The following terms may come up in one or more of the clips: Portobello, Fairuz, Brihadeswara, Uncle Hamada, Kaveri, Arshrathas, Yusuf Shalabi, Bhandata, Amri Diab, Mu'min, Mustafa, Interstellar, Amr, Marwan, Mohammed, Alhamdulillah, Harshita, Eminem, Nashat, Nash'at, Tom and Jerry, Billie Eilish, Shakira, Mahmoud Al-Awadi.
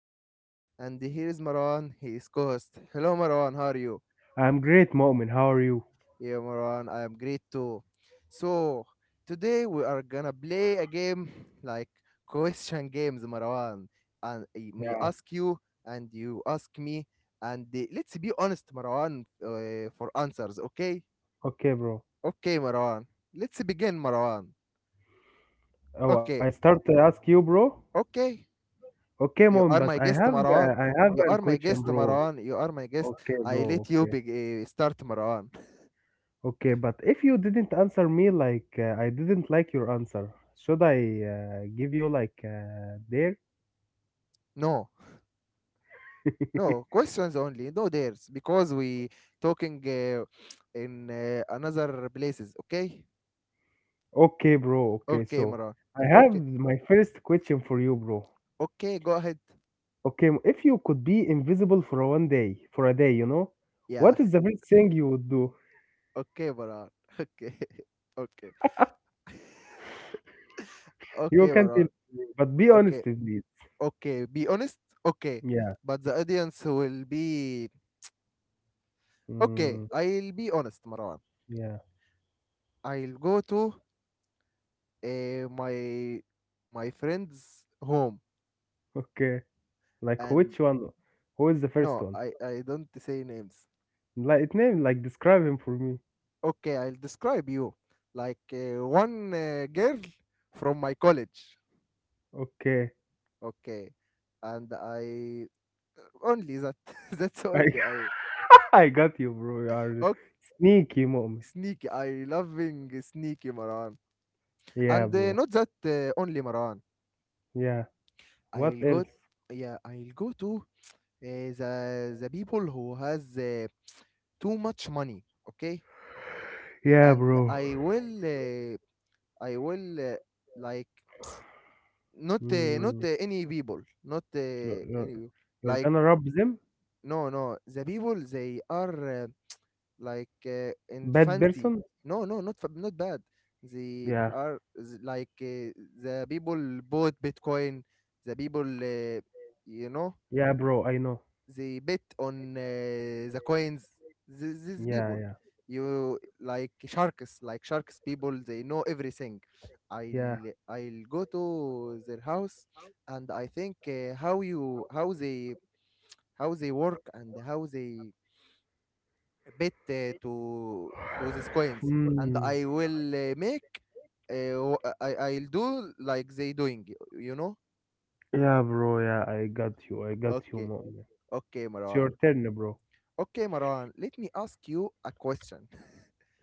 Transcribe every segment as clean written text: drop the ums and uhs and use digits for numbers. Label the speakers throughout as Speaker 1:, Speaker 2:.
Speaker 1: am your host, and here is Marwan, he is co host. Hello, Marwan, how are you?
Speaker 2: I'm great, Mu'min. How are you?
Speaker 1: Yeah, Marwan, I am great too. So, today we are gonna play a game like question games, Marwan. And I
Speaker 2: Yeah.
Speaker 1: may ask you, and you ask me, and let's be honest, Marwan, for answers, okay?
Speaker 2: Okay, bro.
Speaker 1: Okay, Marwan. Let's begin, Marwan.
Speaker 2: Oh,
Speaker 1: Okay,
Speaker 2: I start to ask you, bro.
Speaker 1: okay.
Speaker 2: Okay,
Speaker 1: You
Speaker 2: Mu'min,
Speaker 1: are my
Speaker 2: but I
Speaker 1: guest,
Speaker 2: have
Speaker 1: Marwan.
Speaker 2: uh, I
Speaker 1: You
Speaker 2: have
Speaker 1: are
Speaker 2: an
Speaker 1: my guest,
Speaker 2: question, bro.
Speaker 1: Marwan. You are my guest.
Speaker 2: Okay,
Speaker 1: I let
Speaker 2: bro.
Speaker 1: you
Speaker 2: Okay.
Speaker 1: be, start, Marwan.
Speaker 2: Okay, but if you didn't answer me like I didn't like your answer, should I give you like there?
Speaker 1: No, no questions only. No dares because we talking in another places. Okay,
Speaker 2: Okay, bro. Okay,
Speaker 1: okay,
Speaker 2: so
Speaker 1: Marwan.
Speaker 2: I have
Speaker 1: Okay,
Speaker 2: my first question for you, bro.
Speaker 1: okay. Go ahead.
Speaker 2: Okay, if you could be invisible for 1 day, for a day, you know,
Speaker 1: Yeah.
Speaker 2: what is the first thing you would do?
Speaker 1: Okay, Marwan. Okay, okay,
Speaker 2: You
Speaker 1: okay,
Speaker 2: can tell
Speaker 1: Marwan.
Speaker 2: me, but be honest,
Speaker 1: Okay,
Speaker 2: please.
Speaker 1: okay. Be honest. Okay,
Speaker 2: Yeah.
Speaker 1: but the audience will be okay.
Speaker 2: Mm,
Speaker 1: I'll be honest, Marwan.
Speaker 2: yeah.
Speaker 1: I'll go to uh, my my friend's home
Speaker 2: Okay. Like which
Speaker 1: and
Speaker 2: one? Who is the
Speaker 1: no
Speaker 2: first one?
Speaker 1: I don't say names.
Speaker 2: Like name, like describe him for me.
Speaker 1: Okay, I'll describe you like one girl from my college.
Speaker 2: Okay.
Speaker 1: Okay, and I only that. That's
Speaker 2: I
Speaker 1: only I.
Speaker 2: I got you, bro. You are
Speaker 1: Okay,
Speaker 2: sneaky moment.
Speaker 1: sneaky. I loving sneaky, Maran,
Speaker 2: Yeah,
Speaker 1: and
Speaker 2: bro.
Speaker 1: not that only Maran.
Speaker 2: Yeah. What
Speaker 1: I'll go
Speaker 2: else?
Speaker 1: Yeah, I'll go to the people who has too much money. Okay,
Speaker 2: Yeah,
Speaker 1: and
Speaker 2: bro.
Speaker 1: I will, uh, like, not
Speaker 2: Mm,
Speaker 1: any people, not
Speaker 2: you're, you're,
Speaker 1: any people.
Speaker 2: you're
Speaker 1: Like,
Speaker 2: gonna rob them?
Speaker 1: no, no, the people they are, like, in
Speaker 2: Bad
Speaker 1: fancy.
Speaker 2: person?
Speaker 1: No, no, not bad. They
Speaker 2: Yeah.
Speaker 1: are like, the people bought Bitcoin, the people, you know
Speaker 2: Yeah, bro. I know.
Speaker 1: they bet on the coins. These people,
Speaker 2: Yeah,
Speaker 1: you like sharks, like sharks people, they know everything.
Speaker 2: yeah, yeah.
Speaker 1: I'll go to their house, and I think how you, how they, how they work, and how they bet to these coins. And
Speaker 2: Mm,
Speaker 1: I will, make, I, I'll do like they doing, you know.
Speaker 2: yeah, bro. Yeah, I got you. I got you,
Speaker 1: Okay,
Speaker 2: mom.
Speaker 1: okay,
Speaker 2: It's
Speaker 1: Marwan.
Speaker 2: your turn, bro.
Speaker 1: Okay, Marwan, let me ask you a question.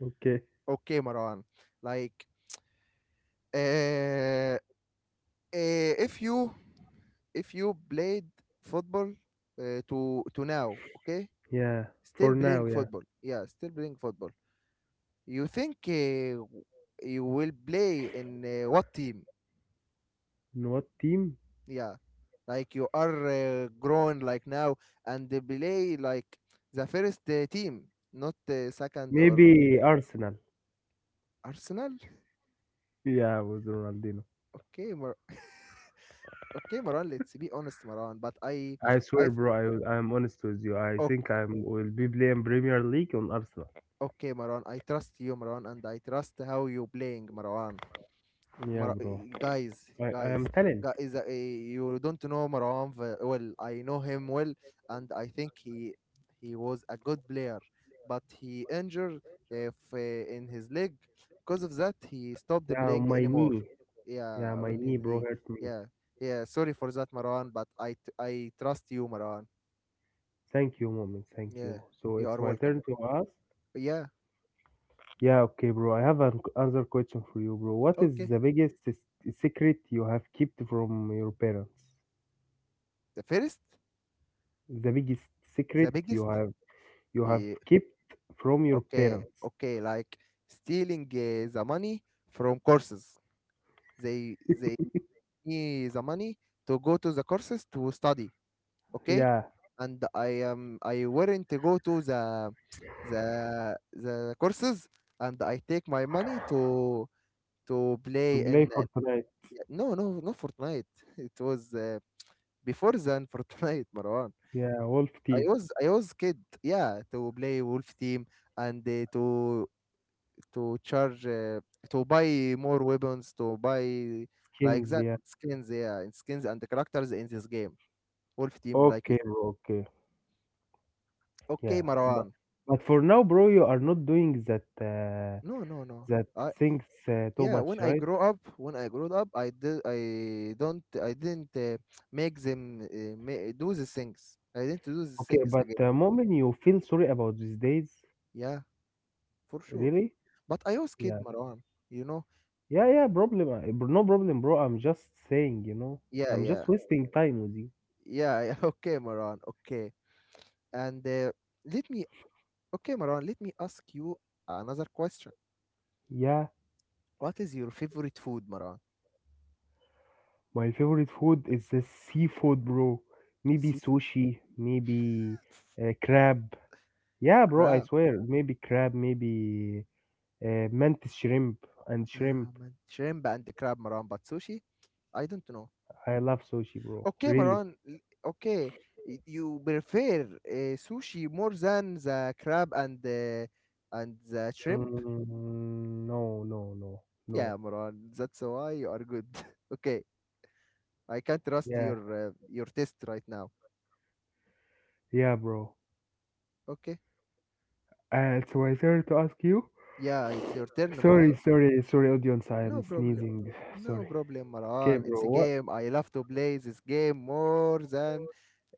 Speaker 2: Okay.
Speaker 1: Okay, Maran. Like, uh, uh, if you, if you played football to now, okay,
Speaker 2: Yeah.
Speaker 1: still
Speaker 2: For
Speaker 1: playing
Speaker 2: now, yeah.
Speaker 1: football, yeah, still playing football. You think you will play in what team?
Speaker 2: In what team?
Speaker 1: Yeah, like you are grown like now, and they play like the first team, not second or
Speaker 2: Maybe Arsenal.
Speaker 1: Arsenal.
Speaker 2: Yeah, with Ronaldinho.
Speaker 1: Okay, Mar- okay, Maran. Let's be honest, Maran. But
Speaker 2: I
Speaker 1: I.
Speaker 2: swear, bro. I'm honest with you. I think I will be playing Premier League on Arsenal.
Speaker 1: Okay, Marwan, I trust you, Marwan, and I trust how you playing, Marwan.
Speaker 2: Yeah,
Speaker 1: Mar-
Speaker 2: bro.
Speaker 1: guys,
Speaker 2: I
Speaker 1: guys,
Speaker 2: am talent.
Speaker 1: guys, you don't know Marwan well. I know him well, and I think he was a good player, but he injured if, in his leg. Because of that, he stopped
Speaker 2: Yeah,
Speaker 1: playing
Speaker 2: my
Speaker 1: anymore.
Speaker 2: knee. Yeah,
Speaker 1: Yeah,
Speaker 2: my
Speaker 1: on
Speaker 2: knee,
Speaker 1: his
Speaker 2: bro,
Speaker 1: knee.
Speaker 2: hurt me.
Speaker 1: Yeah, yeah. Sorry for that, Marwan, but I trust you, Marwan.
Speaker 2: Thank you, moment. Thank
Speaker 1: Yeah,
Speaker 2: you. So
Speaker 1: you
Speaker 2: it's
Speaker 1: are
Speaker 2: my
Speaker 1: welcome.
Speaker 2: turn to ask.
Speaker 1: Yeah,
Speaker 2: Yeah, okay, bro. I have an another question for you, bro. What is
Speaker 1: okay.
Speaker 2: the biggest secret you have kept from your parents?
Speaker 1: The first,
Speaker 2: The biggest
Speaker 1: the
Speaker 2: secret you
Speaker 1: biggest.
Speaker 2: have you have
Speaker 1: He,
Speaker 2: kept from your
Speaker 1: okay,
Speaker 2: parents.
Speaker 1: okay, like stealing the money from courses. They need the money to go to the courses to study. Okay,
Speaker 2: Yeah,
Speaker 1: and I am I weren't to go to the, the the courses, and I take my money to
Speaker 2: to
Speaker 1: play
Speaker 2: play
Speaker 1: in
Speaker 2: Fortnite.
Speaker 1: no no no Fortnite. It was before than Fortnite, Marwan.
Speaker 2: Yeah, Wolf Team
Speaker 1: I was kid, yeah, to play Wolf Team and to charge, to buy more weapons, to buy like
Speaker 2: skins.
Speaker 1: that
Speaker 2: Yeah.
Speaker 1: skins, yeah, and skins and the characters in this game. Wolf Team, like you
Speaker 2: Okay,
Speaker 1: said.
Speaker 2: bro. Okay.
Speaker 1: Okay,
Speaker 2: Yeah, but
Speaker 1: Marwan.
Speaker 2: for now, bro, you are not doing that
Speaker 1: No, no, no.
Speaker 2: that
Speaker 1: I
Speaker 2: things too
Speaker 1: yeah.
Speaker 2: much, right?
Speaker 1: When I grew up, I did. I don't. I didn't make them, do these things. I didn't do these
Speaker 2: Okay,
Speaker 1: things
Speaker 2: but
Speaker 1: again.
Speaker 2: the moment you feel sorry about these days,
Speaker 1: Yeah, for sure.
Speaker 2: really?
Speaker 1: But I was kid,
Speaker 2: Yeah,
Speaker 1: Marwan. You know.
Speaker 2: yeah, yeah. Problem. No problem, bro. I'm just saying, you know,
Speaker 1: Yeah,
Speaker 2: I'm just
Speaker 1: yeah,
Speaker 2: wasting time with you.
Speaker 1: yeah. Okay, Marwan. Okay, and. Let me. Okay, Maran, let me ask you another question.
Speaker 2: Yeah.
Speaker 1: What is your favorite food, Maran?
Speaker 2: My favorite food is the seafood, bro. Maybe
Speaker 1: Seafood?
Speaker 2: sushi, maybe crab. Yeah, bro, I
Speaker 1: Crab.
Speaker 2: swear. Maybe crab, maybe mantis shrimp and shrimp.
Speaker 1: Yeah, man. Shrimp and crab, Maran. But sushi? I don't know.
Speaker 2: I love sushi, bro.
Speaker 1: Okay,
Speaker 2: Really?
Speaker 1: Maran. l- Okay. You prefer sushi more than the crab, and the shrimp?
Speaker 2: Mm, no, no, no, no.
Speaker 1: Yeah, Maran. That's why you are good. okay. I can't trust
Speaker 2: Yeah,
Speaker 1: your test right now.
Speaker 2: yeah, bro.
Speaker 1: Okay.
Speaker 2: And so I started to ask you.
Speaker 1: Yeah, it's your turn,
Speaker 2: Sorry,
Speaker 1: Maran.
Speaker 2: sorry, sorry, audience. I
Speaker 1: No
Speaker 2: am
Speaker 1: problem.
Speaker 2: sneezing.
Speaker 1: No
Speaker 2: Sorry.
Speaker 1: problem,
Speaker 2: Okay,
Speaker 1: Maran. It's
Speaker 2: bro.
Speaker 1: a
Speaker 2: What?
Speaker 1: game. I love to play this game more than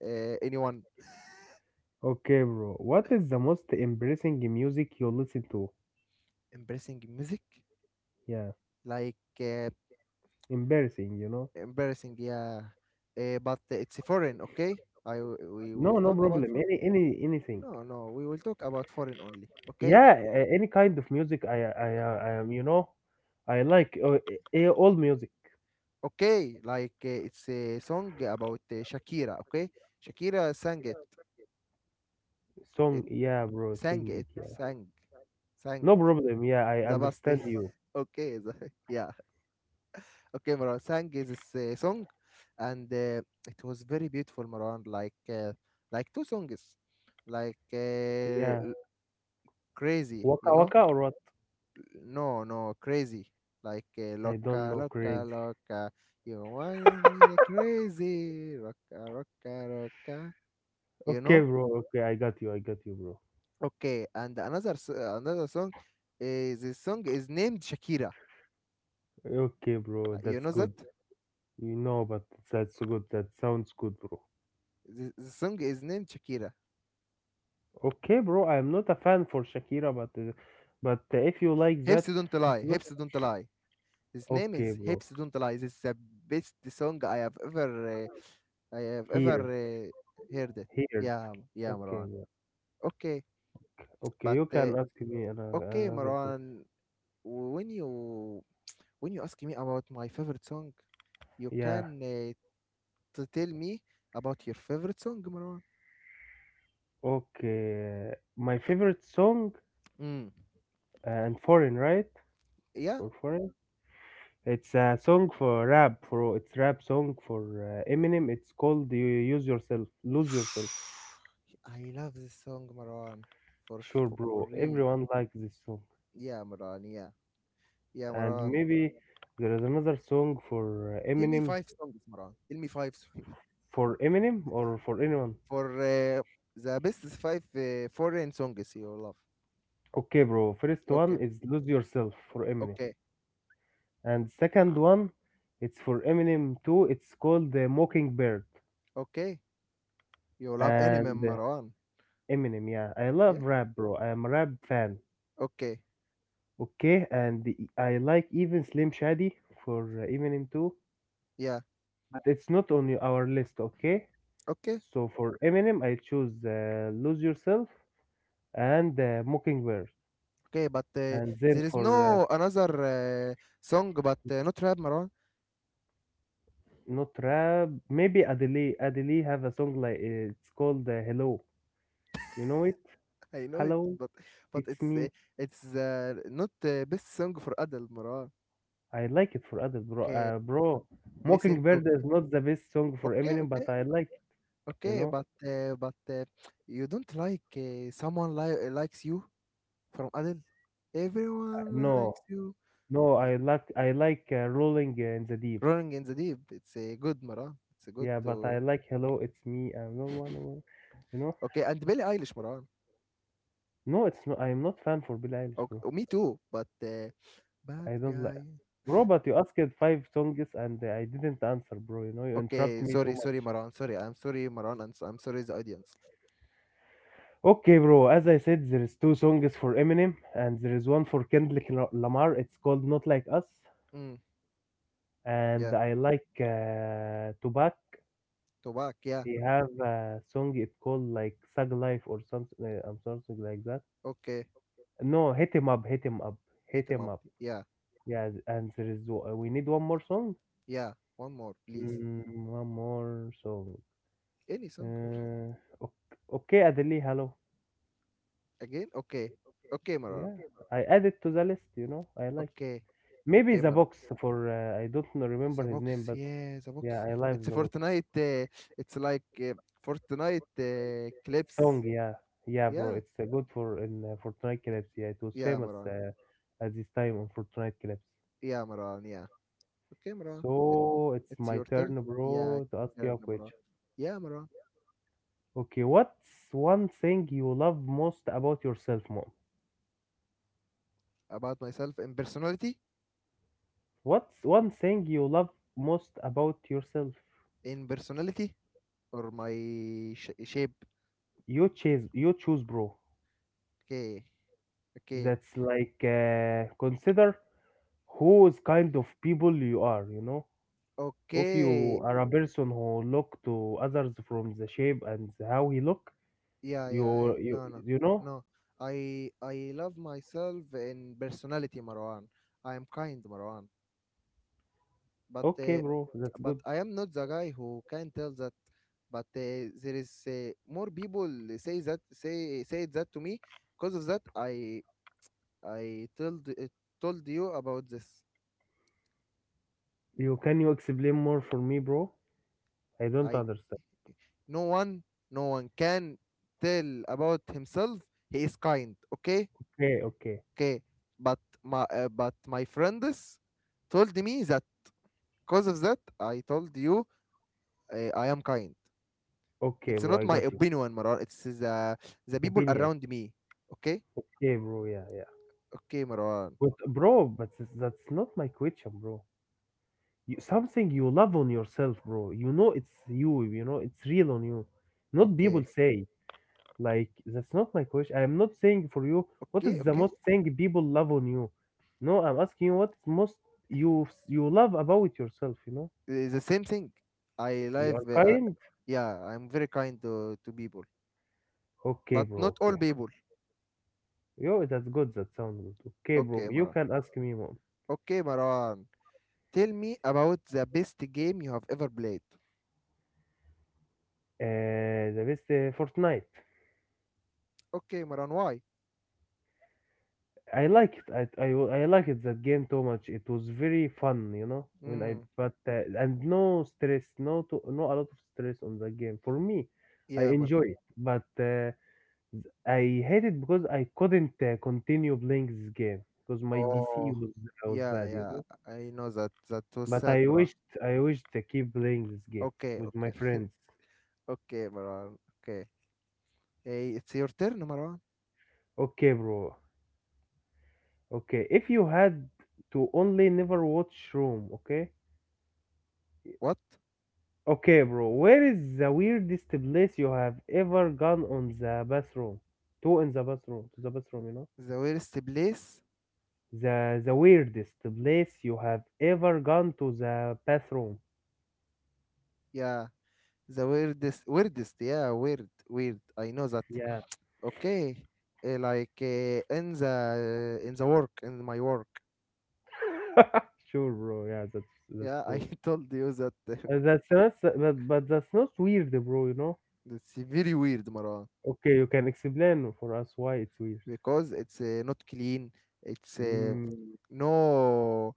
Speaker 1: anyone.
Speaker 2: Okay, bro. What is the most embarrassing music you listen to?
Speaker 1: Embarrassing music?
Speaker 2: Yeah.
Speaker 1: Like,
Speaker 2: Embarrassing, you know?
Speaker 1: embarrassing, yeah. But it's foreign, okay? We will
Speaker 2: No, no
Speaker 1: talk about
Speaker 2: problem.
Speaker 1: foreign.
Speaker 2: Any, anything.
Speaker 1: No, no, we will talk about foreign only, okay?
Speaker 2: Yeah, any kind of music. I am, you know, I like all music.
Speaker 1: Okay, like it's a song about Shakira, okay? Shakira sang it,
Speaker 2: Song,
Speaker 1: it
Speaker 2: yeah, bro,
Speaker 1: sang
Speaker 2: sing it,
Speaker 1: it,
Speaker 2: yeah.
Speaker 1: sang,
Speaker 2: No problem. Yeah, I
Speaker 1: the best.
Speaker 2: understand you.
Speaker 1: okay, the, yeah. Okay, Marwan sang this song, and it was very beautiful, Marwan. Like two songs, like
Speaker 2: Yeah,
Speaker 1: crazy,
Speaker 2: waka
Speaker 1: you know?
Speaker 2: waka or what?
Speaker 1: No, no, crazy. Like
Speaker 2: I don't
Speaker 1: loca,
Speaker 2: know,
Speaker 1: loca,
Speaker 2: crazy.
Speaker 1: loca. You wanna be crazy, roca, roca, roca. You
Speaker 2: Okay,
Speaker 1: know?
Speaker 2: bro. Okay, I got you. I got you, bro.
Speaker 1: Okay, and another song is this song is named Shakira.
Speaker 2: Okay, bro.
Speaker 1: You
Speaker 2: That's
Speaker 1: know that?
Speaker 2: good. You know, but that's good. That sounds good, bro.
Speaker 1: The song is named Shakira.
Speaker 2: Okay, bro. I'm not a fan for Shakira, but if you like
Speaker 1: Hips
Speaker 2: that,
Speaker 1: don't
Speaker 2: it's
Speaker 1: lie.
Speaker 2: good.
Speaker 1: Hips don't lie. His name
Speaker 2: Okay,
Speaker 1: is
Speaker 2: bro.
Speaker 1: Hips Don't Lie. This is the best song I have ever
Speaker 2: Heard,
Speaker 1: heard it.
Speaker 2: heard.
Speaker 1: Yeah, yeah,
Speaker 2: Okay,
Speaker 1: Marwan.
Speaker 2: bro.
Speaker 1: Okay,
Speaker 2: Okay,
Speaker 1: but
Speaker 2: you can ask me another
Speaker 1: okay,
Speaker 2: another question.
Speaker 1: Marwan. When you when you ask me about my favorite song, you
Speaker 2: Yeah.
Speaker 1: can to tell me about your favorite song, Marwan.
Speaker 2: Okay. My favorite song
Speaker 1: Mm.
Speaker 2: and foreign, right?
Speaker 1: Yeah,
Speaker 2: For foreign, it's rap song for Eminem. It's called "Use Yourself, Lose Yourself."
Speaker 1: I love this song, Marwan.
Speaker 2: Sure,
Speaker 1: For
Speaker 2: bro.
Speaker 1: real.
Speaker 2: Everyone likes this song,
Speaker 1: Yeah, Marwan. Yeah, yeah,
Speaker 2: and
Speaker 1: Marwan.
Speaker 2: maybe there is another song for
Speaker 1: Tell me
Speaker 2: Eminem.
Speaker 1: five songs, Marwan. Tell me five.
Speaker 2: For Eminem or for anyone?
Speaker 1: For the best five foreign songs you love.
Speaker 2: Okay, bro. First one
Speaker 1: Okay,
Speaker 2: is Lose Yourself for Eminem.
Speaker 1: okay,
Speaker 2: And second one, it's for Eminem too. It's called The Mockingbird.
Speaker 1: okay. You love Eminem,
Speaker 2: And
Speaker 1: Marwan.
Speaker 2: Eminem, yeah. I love
Speaker 1: Yeah.
Speaker 2: rap, bro. I am a rap fan.
Speaker 1: Okay.
Speaker 2: Okay, and I like even Slim Shady for Eminem too.
Speaker 1: Yeah.
Speaker 2: But it's not on our list, okay?
Speaker 1: Okay.
Speaker 2: So for Eminem, I choose Lose Yourself and Mockingbird.
Speaker 1: Okay. But
Speaker 2: And then
Speaker 1: there is
Speaker 2: for
Speaker 1: no another song, but not rap, Marwan.
Speaker 2: Not rap. Maybe Adele. Adele have a song like it's called "Hello." You know it?
Speaker 1: I know it,
Speaker 2: Hello,
Speaker 1: but
Speaker 2: it's me.
Speaker 1: it's not the best song for adult, Marwan.
Speaker 2: I like it for other bro.
Speaker 1: Okay. Listen to.
Speaker 2: Mockingbird is not the best song for
Speaker 1: Okay.
Speaker 2: Eminem,
Speaker 1: Okay.
Speaker 2: but I like. It, You
Speaker 1: Okay.
Speaker 2: know?
Speaker 1: But you don't like someone likes you from adult. Everyone
Speaker 2: No,
Speaker 1: likes you.
Speaker 2: no.
Speaker 1: Yeah.
Speaker 2: I like Rolling in the Deep.
Speaker 1: Rolling in the Deep. It's a good Maran. It's a good
Speaker 2: Yeah, but I
Speaker 1: to
Speaker 2: like "Hello, it's me." I'm no one. One- You know?
Speaker 1: okay. And Billie Eilish Maran.
Speaker 2: No, it's not. I'm not fan for Billie Eilish,
Speaker 1: Okay,
Speaker 2: bro.
Speaker 1: oh, me too. But bad
Speaker 2: I don't like.
Speaker 1: guy.
Speaker 2: Bro, but you asked five songs and I didn't answer, bro. You know, you interrupt
Speaker 1: Okay,
Speaker 2: me too
Speaker 1: sorry, sorry
Speaker 2: much.
Speaker 1: Maran. Sorry, I'm sorry Maran. I'm sorry the audience.
Speaker 2: Okay, bro. As I said, there is two songs for Eminem, and there is one for Kendrick Lamar. It's called "Not Like Us,"
Speaker 1: Mm,
Speaker 2: and
Speaker 1: yeah,
Speaker 2: I like Tupac.
Speaker 1: Tobac. Yeah,
Speaker 2: He have a song it called like "Thug Life" or something. I'm sorry, something like that.
Speaker 1: okay.
Speaker 2: No, hit him up, hit him up, hit
Speaker 1: Hit him
Speaker 2: him
Speaker 1: up.
Speaker 2: up.
Speaker 1: Yeah,
Speaker 2: Yeah, th- and there is w- we need one more song.
Speaker 1: yeah. One more, please.
Speaker 2: Mm, one more song.
Speaker 1: Any song
Speaker 2: Uh, okay, Adeli, hello.
Speaker 1: again? Okay, okay Maran.
Speaker 2: Yeah, I added to the list. You know, I like.
Speaker 1: Okay,
Speaker 2: Maybe
Speaker 1: okay
Speaker 2: the
Speaker 1: Maran.
Speaker 2: box for I don't know, remember
Speaker 1: The
Speaker 2: his name,
Speaker 1: box,
Speaker 2: but
Speaker 1: yeah, the
Speaker 2: yeah,
Speaker 1: box.
Speaker 2: I like
Speaker 1: It's a
Speaker 2: the box
Speaker 1: Fortnite. It's like Fortnite
Speaker 2: song.
Speaker 1: clips.
Speaker 2: Yeah, yeah, bro,
Speaker 1: Yeah,
Speaker 2: it's good for in Fortnite clips. Yeah, it was
Speaker 1: yeah,
Speaker 2: famous
Speaker 1: Maran.
Speaker 2: at this time on Fortnite clips.
Speaker 1: Yeah, Maran. Yeah. Okay, Maran. It,
Speaker 2: So it's
Speaker 1: it's
Speaker 2: my
Speaker 1: your turn.
Speaker 2: turn,
Speaker 1: Yeah,
Speaker 2: bro, to ask you
Speaker 1: your
Speaker 2: a
Speaker 1: turn, Maran.
Speaker 2: question.
Speaker 1: Yeah, Maran.
Speaker 2: Okay, what's one thing you love most about yourself, mom?
Speaker 1: About myself
Speaker 2: What's one thing you love most about yourself?
Speaker 1: in personality, or my sh shape.
Speaker 2: You choose, bro.
Speaker 1: Okay. Okay.
Speaker 2: That's like consider whose kind of people you are, you know? If
Speaker 1: Okay.
Speaker 2: you are a person who look to others from the shape and how he look,
Speaker 1: Yeah, yeah.
Speaker 2: you you
Speaker 1: No, no,
Speaker 2: you know?
Speaker 1: no. I love myself in personality, Marwan. I am kind, Marwan. but
Speaker 2: Okay,
Speaker 1: uh,
Speaker 2: bro, that's
Speaker 1: but
Speaker 2: good.
Speaker 1: I am not the guy who can tell that. But there is more people say that to me. Because of that, I told told you about this.
Speaker 2: You can you explain more for me, bro? I don't
Speaker 1: I
Speaker 2: understand.
Speaker 1: no one, no one can tell about himself. He is kind. Okay,
Speaker 2: Okay,
Speaker 1: okay. But my friends told me that, because of that, I told you, I am kind.
Speaker 2: okay,
Speaker 1: It's
Speaker 2: bro,
Speaker 1: not
Speaker 2: I
Speaker 1: my
Speaker 2: got you.
Speaker 1: opinion, Marar. It's the people
Speaker 2: Opinion.
Speaker 1: around me. Okay.
Speaker 2: Okay, bro, yeah, yeah.
Speaker 1: Okay, Marwan.
Speaker 2: But bro, that's not my question, bro. You, something you love on yourself, bro. You know it's you. You know it's real on you. Not people
Speaker 1: Okay,
Speaker 2: say. Like, that's not my question. I'm not saying for you what
Speaker 1: okay,
Speaker 2: is the
Speaker 1: okay.
Speaker 2: most thing people love on you. No, I'm asking you what is most you love about yourself. You know,
Speaker 1: It's the same thing. I
Speaker 2: you are
Speaker 1: live.
Speaker 2: kind.
Speaker 1: Yeah, I'm very kind to people,
Speaker 2: Okay,
Speaker 1: but
Speaker 2: bro.
Speaker 1: not all
Speaker 2: Okay,
Speaker 1: people.
Speaker 2: yo, that's good. That sounds good. Okay, bro.
Speaker 1: Okay,
Speaker 2: You
Speaker 1: Marwan.
Speaker 2: can ask me more.
Speaker 1: Okay, Marwan. Tell me about the best game you have ever played.
Speaker 2: The best Fortnite.
Speaker 1: Okay, Marwan. Why?
Speaker 2: I like it. I like it that game too much. It was very fun, you know. When I
Speaker 1: Mm,
Speaker 2: but and no a lot of stress on the game. For me, I
Speaker 1: yeah, Marwan.
Speaker 2: enjoy it. But I hate it because I couldn't continue playing this game because my PC
Speaker 1: Oh,
Speaker 2: was
Speaker 1: yeah,
Speaker 2: bad, you
Speaker 1: yeah.
Speaker 2: know.
Speaker 1: I know that. That was
Speaker 2: But
Speaker 1: sad,
Speaker 2: I
Speaker 1: Marwan.
Speaker 2: wished I wished to keep playing this game
Speaker 1: Okay,
Speaker 2: with my
Speaker 1: okay,
Speaker 2: friends.
Speaker 1: okay, Marwan. Okay. Hey, it's your turn, Marwan.
Speaker 2: Okay, bro. Okay, if you had to only never watch Room, okay?
Speaker 1: What?
Speaker 2: Okay, bro. Where is the weirdest place you have ever gone on the bathroom? To in the bathroom, to the bathroom, you know.
Speaker 1: The worst place?
Speaker 2: The weirdest place you have ever gone to the bathroom.
Speaker 1: Yeah. The weirdest, yeah, weird. I know that.
Speaker 2: Yeah.
Speaker 1: Okay, like in the work, in my work.
Speaker 2: Sure, bro. Yeah, that's
Speaker 1: Yeah, I
Speaker 2: true.
Speaker 1: told you that
Speaker 2: That's not, but that's not weird, bro. You know.
Speaker 1: it's very weird, Marwan,
Speaker 2: Okay, you can explain for us why it's weird.
Speaker 1: because it's not clean. It's
Speaker 2: Mm,
Speaker 1: no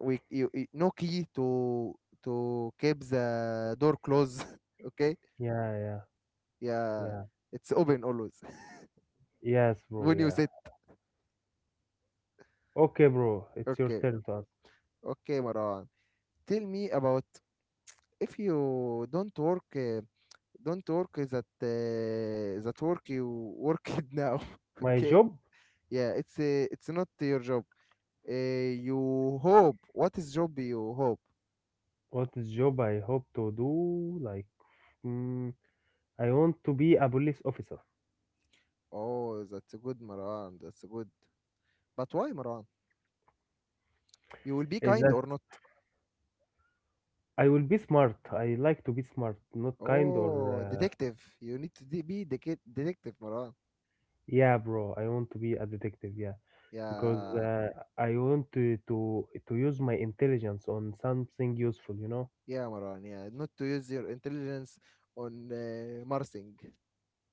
Speaker 1: we you, no key to keep the door closed. okay,
Speaker 2: yeah, yeah,
Speaker 1: yeah,
Speaker 2: yeah.
Speaker 1: it's open always
Speaker 2: Yes, bro.
Speaker 1: when you
Speaker 2: Yeah.
Speaker 1: sit.
Speaker 2: Okay, bro. It's your
Speaker 1: Okay,
Speaker 2: turn to ask.
Speaker 1: okay, Marwan. Tell me about if you don't work. Don't work that that work you work it now.
Speaker 2: My
Speaker 1: Okay.
Speaker 2: job?
Speaker 1: Yeah, it's not your job. Uh, you hope. What is job you hope?
Speaker 2: What is job I hope to do? Like, mm, I want to be a police officer.
Speaker 1: Oh, that's a good, Maran. That's a good. But why, Maran? You will be
Speaker 2: Is
Speaker 1: kind
Speaker 2: that
Speaker 1: or not?
Speaker 2: I will be smart. I like to be smart, not kind
Speaker 1: Oh,
Speaker 2: or.
Speaker 1: detective. You need to be the detective, Maran.
Speaker 2: Yeah, bro, I want to be a detective, yeah, because
Speaker 1: Yeah,
Speaker 2: I want to use my intelligence on something useful, you know?
Speaker 1: yeah, Maran. Yeah, not to use your intelligence on Marsing.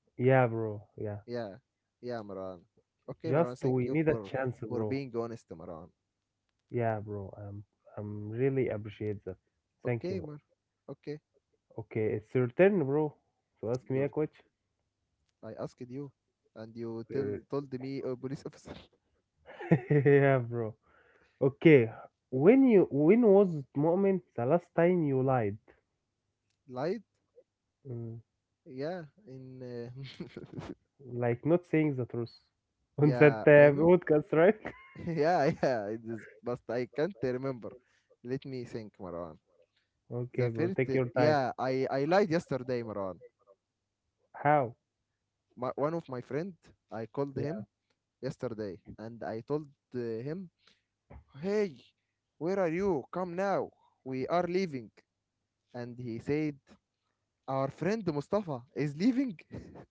Speaker 2: Yeah, bro, yeah.
Speaker 1: Yeah, yeah, Maran. Okay, Maran.
Speaker 2: Just
Speaker 1: Thank
Speaker 2: we
Speaker 1: you
Speaker 2: need a chance,
Speaker 1: for
Speaker 2: bro.
Speaker 1: being honest, Maran.
Speaker 2: Yeah, bro. I'm really appreciate that. Thank you.
Speaker 1: Okay,
Speaker 2: Man.
Speaker 1: Mar. Okay,
Speaker 2: Okay, it's your turn, bro. So ask me a
Speaker 1: you're.
Speaker 2: question.
Speaker 1: I asked you, and you tell told me a police officer.
Speaker 2: yeah, bro. Okay, when was the moment the last time you lied?
Speaker 1: Lied.
Speaker 2: Mm,
Speaker 1: Yeah, in uh,
Speaker 2: like not saying the truth on that
Speaker 1: yeah, I know.
Speaker 2: podcast, right?
Speaker 1: yeah, yeah. It is, but I can't remember. Let me think, Marwan.
Speaker 2: Okay,
Speaker 1: The
Speaker 2: bro,
Speaker 1: first,
Speaker 2: take your time.
Speaker 1: yeah, I lied yesterday, Marwan.
Speaker 2: How?
Speaker 1: My, one of my friend, I called
Speaker 2: Yeah.
Speaker 1: him yesterday, and I told him, "Hey, where are you? Come now. We are leaving." And he said, "Our friend Mustafa is leaving."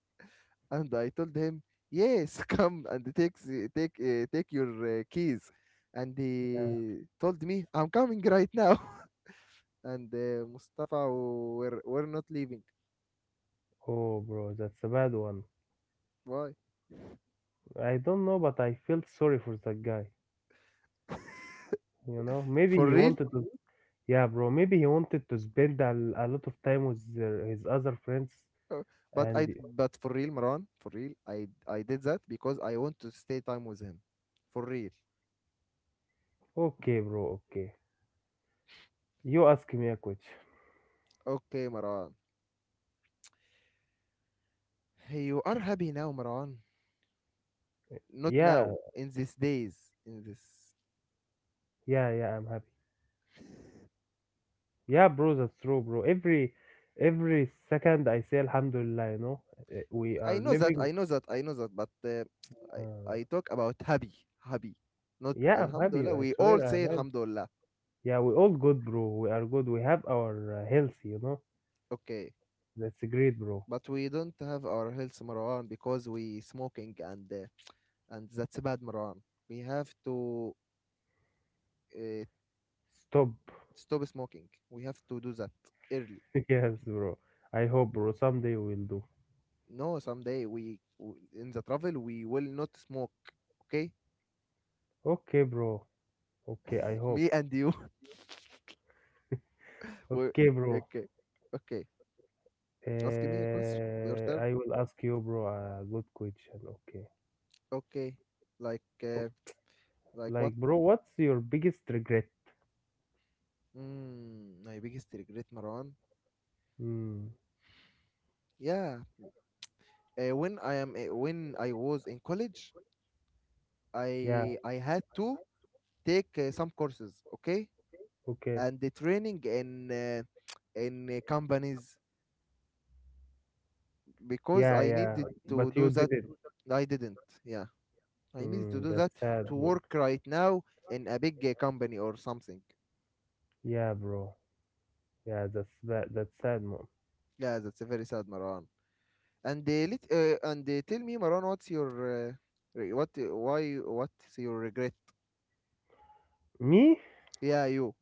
Speaker 1: And I told him, yes, come and take take your keys. And he told me, I'm coming right now. And Mustafa were not leaving.
Speaker 2: Oh, bro, that's a bad one.
Speaker 1: Why?
Speaker 2: I don't know, but I felt sorry for that guy. You know, maybe
Speaker 1: For
Speaker 2: he
Speaker 1: real?
Speaker 2: wanted to. Yeah, bro, maybe he wanted to spend a lot of time with his other friends.
Speaker 1: But
Speaker 2: And
Speaker 1: I but for real, Maran, for real, I did that because I want to stay time with him. For real.
Speaker 2: okay, bro, okay. You ask me a question.
Speaker 1: Okay, Maran. You are happy now, Maran. Not
Speaker 2: Yeah,
Speaker 1: now. In these days. In this
Speaker 2: yeah, yeah. I'm happy. Yeah, bro, that's true, bro. Every second I say Alhamdulillah. You know, we
Speaker 1: I
Speaker 2: are
Speaker 1: know that,
Speaker 2: living.
Speaker 1: I know that, I know that, but I,
Speaker 2: Uh,
Speaker 1: I talk about happy, happy, not
Speaker 2: yeah, I'm happy.
Speaker 1: Alhamdulillah.
Speaker 2: I
Speaker 1: We all
Speaker 2: swear,
Speaker 1: say
Speaker 2: I'm happy.
Speaker 1: Alhamdulillah,
Speaker 2: Yeah, we all good, bro. We are good. We have our health, you know.
Speaker 1: okay,
Speaker 2: That's great, bro.
Speaker 1: but we don't have our health Marwan because we smoking and that's bad Marwan. We have to uh,
Speaker 2: Stop.
Speaker 1: stop smoking. We have to do that early.
Speaker 2: Yes, bro. I hope, bro. Someday we'll do.
Speaker 1: No, in the travel we will not smoke. Okay,
Speaker 2: Okay, bro. Okay, I hope.
Speaker 1: me and you. we
Speaker 2: Okay, bro.
Speaker 1: okay, okay. Ask me a question. Your turn.
Speaker 2: I will ask you, bro, a good question. Okay.
Speaker 1: Okay, like.
Speaker 2: O-
Speaker 1: Uh, like what.
Speaker 2: Like, bro, what's your biggest regret?
Speaker 1: Mm, my biggest regret, Marwan.
Speaker 2: Hmm.
Speaker 1: Yeah, when I was in college,
Speaker 2: Yeah.
Speaker 1: I had to take some courses, okay,
Speaker 2: Okay.
Speaker 1: and the training in companies because
Speaker 2: Yeah,
Speaker 1: I
Speaker 2: yeah.
Speaker 1: needed
Speaker 2: But
Speaker 1: to
Speaker 2: you
Speaker 1: do
Speaker 2: did
Speaker 1: that.
Speaker 2: it.
Speaker 1: I didn't. Yeah, I needed to
Speaker 2: Hmm.
Speaker 1: do that
Speaker 2: That's sad,
Speaker 1: to
Speaker 2: mom.
Speaker 1: work right now in a big company or something.
Speaker 2: Yeah, bro. Yeah, that's bad. That's sad, mom.
Speaker 1: Yeah, that's a very sad, Marwan. And tell me, Marwan, what's your uh, what's your regret?
Speaker 2: Me?
Speaker 1: Yeah, you.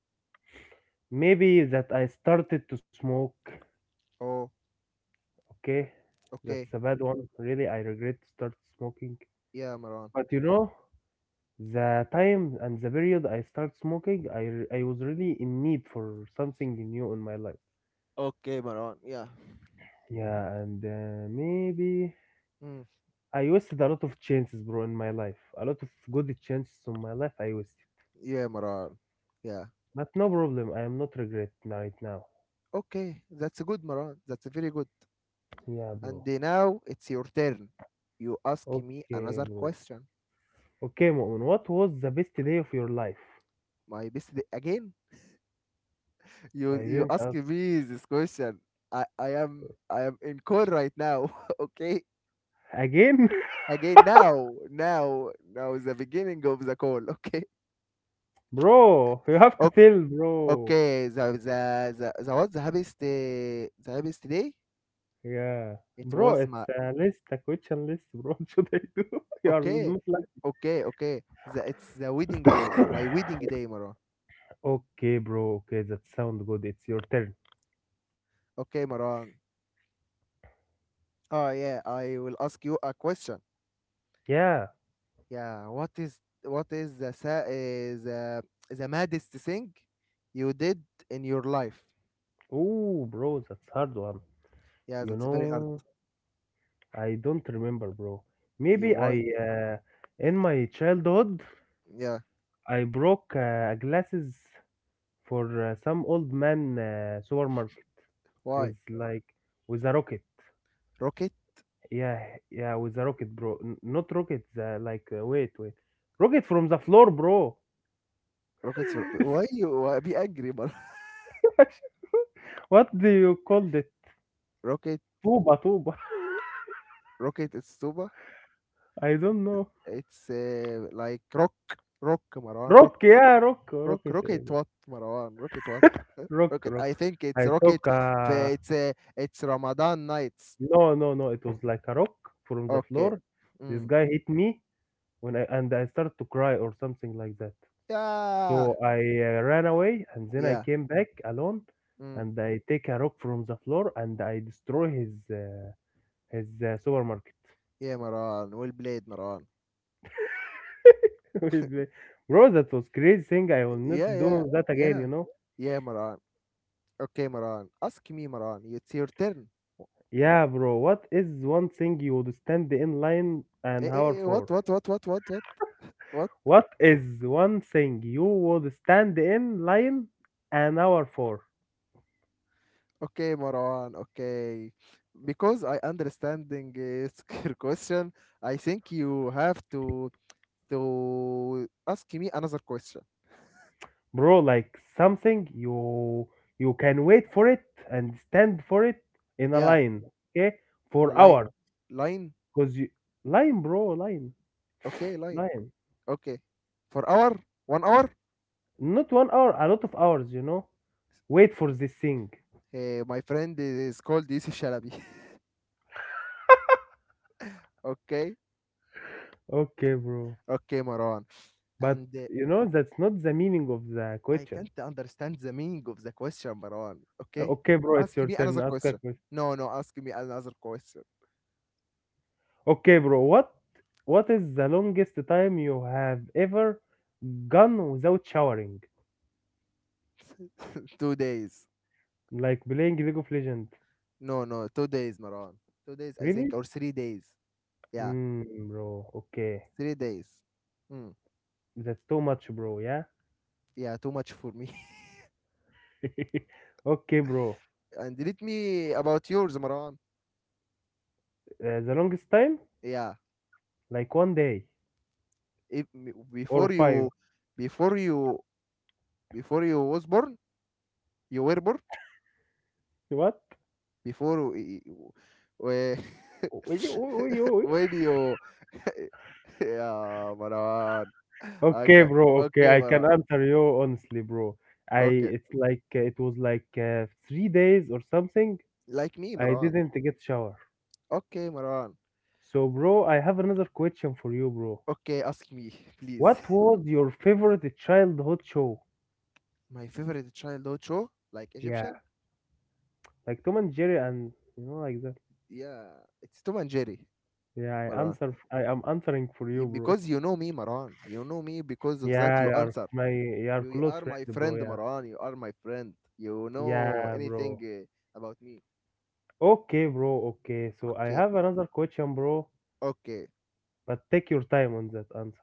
Speaker 2: Maybe that I started to smoke.
Speaker 1: Oh,
Speaker 2: Okay, that's a
Speaker 1: okay.
Speaker 2: bad one. Really, I regret to start smoking.
Speaker 1: Yeah, Maran.
Speaker 2: But you know, the time and the period I start smoking, I was really in need for something new in my life.
Speaker 1: Okay, Maran. Yeah.
Speaker 2: Yeah, and maybe
Speaker 1: Mm.
Speaker 2: I wasted a lot of chances, bro, in my life. A lot of good chances in my life I wasted.
Speaker 1: Yeah, Maran. Yeah.
Speaker 2: But no problem, I am not regret right now.
Speaker 1: Okay, that's good, Maran. That's very good.
Speaker 2: Yeah, bro.
Speaker 1: And now it's your turn. You ask me
Speaker 2: Okay,
Speaker 1: another
Speaker 2: bro.
Speaker 1: question.
Speaker 2: Okay, Mu'min, what was the best day of your life?
Speaker 1: Again.
Speaker 2: I
Speaker 1: You
Speaker 2: didn't
Speaker 1: ask
Speaker 2: ask.
Speaker 1: me this question. I am in call right now. okay.
Speaker 2: Again?
Speaker 1: Again, now is the beginning of the call. Okay.
Speaker 2: Bro, you have to tell, bro.
Speaker 1: Okay. Okay. The what's the happiest day?
Speaker 2: Yeah.
Speaker 1: It
Speaker 2: Bro,
Speaker 1: was
Speaker 2: it's
Speaker 1: my
Speaker 2: a list, a question list, bro. What should I do? You are
Speaker 1: okay,
Speaker 2: not
Speaker 1: okay, okay. The, it's the wedding
Speaker 2: like
Speaker 1: day, my wedding day, Maran.
Speaker 2: Okay, bro. Okay, that sounds good. It's your turn.
Speaker 1: Okay, Maran. Oh yeah, I will ask you a question.
Speaker 2: Yeah.
Speaker 1: Yeah, what is the sa- eh, the maddest thing you did in your life?
Speaker 2: Oh, bro, that's hard one.
Speaker 1: Yeah,
Speaker 2: You
Speaker 1: that's very hard.
Speaker 2: know, I don't remember, bro.
Speaker 1: You
Speaker 2: Maybe I,
Speaker 1: why?
Speaker 2: uh, in my childhood,
Speaker 1: Yeah,
Speaker 2: I broke glasses for some old man supermarket
Speaker 1: why?
Speaker 2: with like with a rocket.
Speaker 1: Rocket,
Speaker 2: Yeah, yeah, with the rocket, bro. Not rocket, wait, wait. Rocket from the floor, bro.
Speaker 1: rocket. Why you why be angry, Maran?
Speaker 2: What do you call the
Speaker 1: rocket,
Speaker 2: tuba?
Speaker 1: rocket. It's tuba.
Speaker 2: I don't know.
Speaker 1: It's like rock, Maran.
Speaker 2: Rock, yeah, rock,
Speaker 1: Rock,
Speaker 2: rocket.
Speaker 1: rocket
Speaker 2: Eh,
Speaker 1: what Marwan rocket what. Huh?
Speaker 2: Rock,
Speaker 1: Rocket
Speaker 2: rock.
Speaker 1: I think it's
Speaker 2: I
Speaker 1: rocket.
Speaker 2: took a
Speaker 1: في it's Ramadan nights.
Speaker 2: ...no, no, no. It was like a rock from the
Speaker 1: Okay.
Speaker 2: floor. This
Speaker 1: Mm.
Speaker 2: guy hit me when I and I started to cry or something like that.
Speaker 1: Yeah.
Speaker 2: So I ran away and then I
Speaker 1: Yeah.
Speaker 2: came back alone
Speaker 1: Mm.
Speaker 2: and I take a rock from the floor and I destroy his supermarket.
Speaker 1: Yeah Marwan, well played Marwan.
Speaker 2: With the- Bro, that was crazy thing. I will not
Speaker 1: Yeah. Yeah.
Speaker 2: do that again,
Speaker 1: Yeah.
Speaker 2: you know?
Speaker 1: Yeah Marwan. Okay Marwan, ask me Marwan, it's your turn.
Speaker 2: Yeah, bro. What is one thing you would stand in line
Speaker 1: Eh,
Speaker 2: an hour
Speaker 1: eh, eh, what
Speaker 2: for?
Speaker 1: what what what what what what?
Speaker 2: What is one thing you would stand in line an hour for?
Speaker 1: Okay Marwan, okay because I understanding your question. I think you have to ask me another question.
Speaker 2: Bro, like something you can wait for it and stand for it in a
Speaker 1: Yeah,
Speaker 2: line. Okay,
Speaker 1: in a
Speaker 2: for hours,
Speaker 1: line. Line?
Speaker 2: because you, line bro line
Speaker 1: Okay, line.
Speaker 2: line
Speaker 1: Okay. For hour? One hour?
Speaker 2: Not 1 hour, a lot of hours, you know, wait for this thing.
Speaker 1: Eh, my friend is called Yusuf Shalabi. okay?
Speaker 2: Okay, bro,
Speaker 1: Okay, Marwan.
Speaker 2: but
Speaker 1: And
Speaker 2: you know that's not the meaning of the
Speaker 1: I
Speaker 2: question.
Speaker 1: can't understand the meaning of the question, Marwan. Okay?
Speaker 2: Okay, bro, it's
Speaker 1: Ask
Speaker 2: your
Speaker 1: me
Speaker 2: turn,
Speaker 1: another
Speaker 2: ask a
Speaker 1: question.
Speaker 2: question.
Speaker 1: No, no, ask me another question.
Speaker 2: Okay, bro, what, is the longest time you have ever gone without showering,
Speaker 1: 2 days.
Speaker 2: like playing League of Legends?
Speaker 1: No, no, 2 days, Marwan. 2 days, I think,
Speaker 2: Really?
Speaker 1: or 3 days. Yeah,
Speaker 2: Mm, bro. Okay.
Speaker 1: 3 days. Hmm.
Speaker 2: That's too much, bro. Yeah.
Speaker 1: Yeah, too much for me.
Speaker 2: Okay, bro.
Speaker 1: And let me about yours, Maran.
Speaker 2: The longest time?
Speaker 1: Yeah,
Speaker 2: Like one day
Speaker 1: if
Speaker 2: or
Speaker 1: before
Speaker 2: five.
Speaker 1: you, before you, before you was born, you were born
Speaker 2: What?
Speaker 1: before y- y- w-
Speaker 2: Will you- will you-
Speaker 1: when you, yeah, Maran.
Speaker 2: Okay,
Speaker 1: Okay,
Speaker 2: bro. Okay.
Speaker 1: okay,
Speaker 2: I can
Speaker 1: Maran.
Speaker 2: answer you honestly, bro. I,
Speaker 1: Okay,
Speaker 2: it was like 3 days or something.
Speaker 1: like me,
Speaker 2: I
Speaker 1: Maran.
Speaker 2: didn't get shower.
Speaker 1: Okay, Maran.
Speaker 2: So, bro, I have another question for you, bro.
Speaker 1: Okay, ask me, please.
Speaker 2: What was your favorite childhood show?
Speaker 1: My favorite childhood show, like
Speaker 2: Yeah,
Speaker 1: Egyptian,
Speaker 2: like Tom and Jerry and you know like that.
Speaker 1: yeah, it's Tom and Jerry,
Speaker 2: Yeah, I
Speaker 1: Maran.
Speaker 2: answer. I am answering for you, bro.
Speaker 1: Because you know me Maran, you know me because of that
Speaker 2: Yeah,
Speaker 1: you
Speaker 2: you're
Speaker 1: answer.
Speaker 2: my, you're
Speaker 1: You
Speaker 2: close
Speaker 1: are
Speaker 2: friend,
Speaker 1: my
Speaker 2: bro.
Speaker 1: friend
Speaker 2: Yeah,
Speaker 1: Maran, you are my friend, you know
Speaker 2: yeah,
Speaker 1: anything
Speaker 2: bro.
Speaker 1: about me.
Speaker 2: Okay, bro. Okay, so I
Speaker 1: Okay,
Speaker 2: have another question, bro.
Speaker 1: okay,
Speaker 2: But take your time on that answer.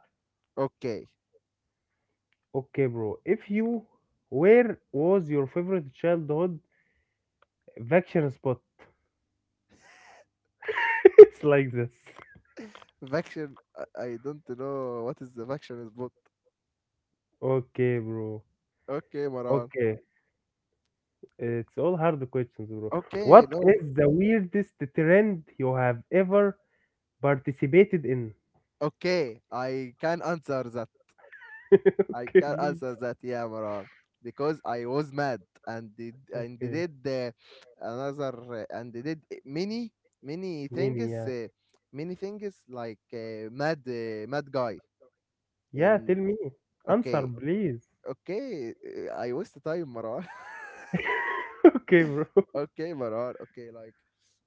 Speaker 1: okay
Speaker 2: Okay, bro. If you, where was your favorite childhood vacation spot? It's like this.
Speaker 1: vaccine. I don't know what is the vaccine is but
Speaker 2: Okay, bro.
Speaker 1: okay Maran.
Speaker 2: Okay, it's all hard questions, bro.
Speaker 1: Okay
Speaker 2: What
Speaker 1: no.
Speaker 2: is the weirdest trend you have ever participated in?
Speaker 1: Okay, I can answer that. I
Speaker 2: Okay,
Speaker 1: can
Speaker 2: please.
Speaker 1: answer that, yeah, Maran, because I was mad and did and they
Speaker 2: Okay,
Speaker 1: did another and they did many many
Speaker 2: mini,
Speaker 1: things,
Speaker 2: yeah.
Speaker 1: uh, many things like mad guy.
Speaker 2: Yeah,
Speaker 1: And
Speaker 2: tell me. Answer,
Speaker 1: okay,
Speaker 2: please.
Speaker 1: okay, I waste time, Maran.
Speaker 2: Okay, bro.
Speaker 1: okay, Maran. Okay, like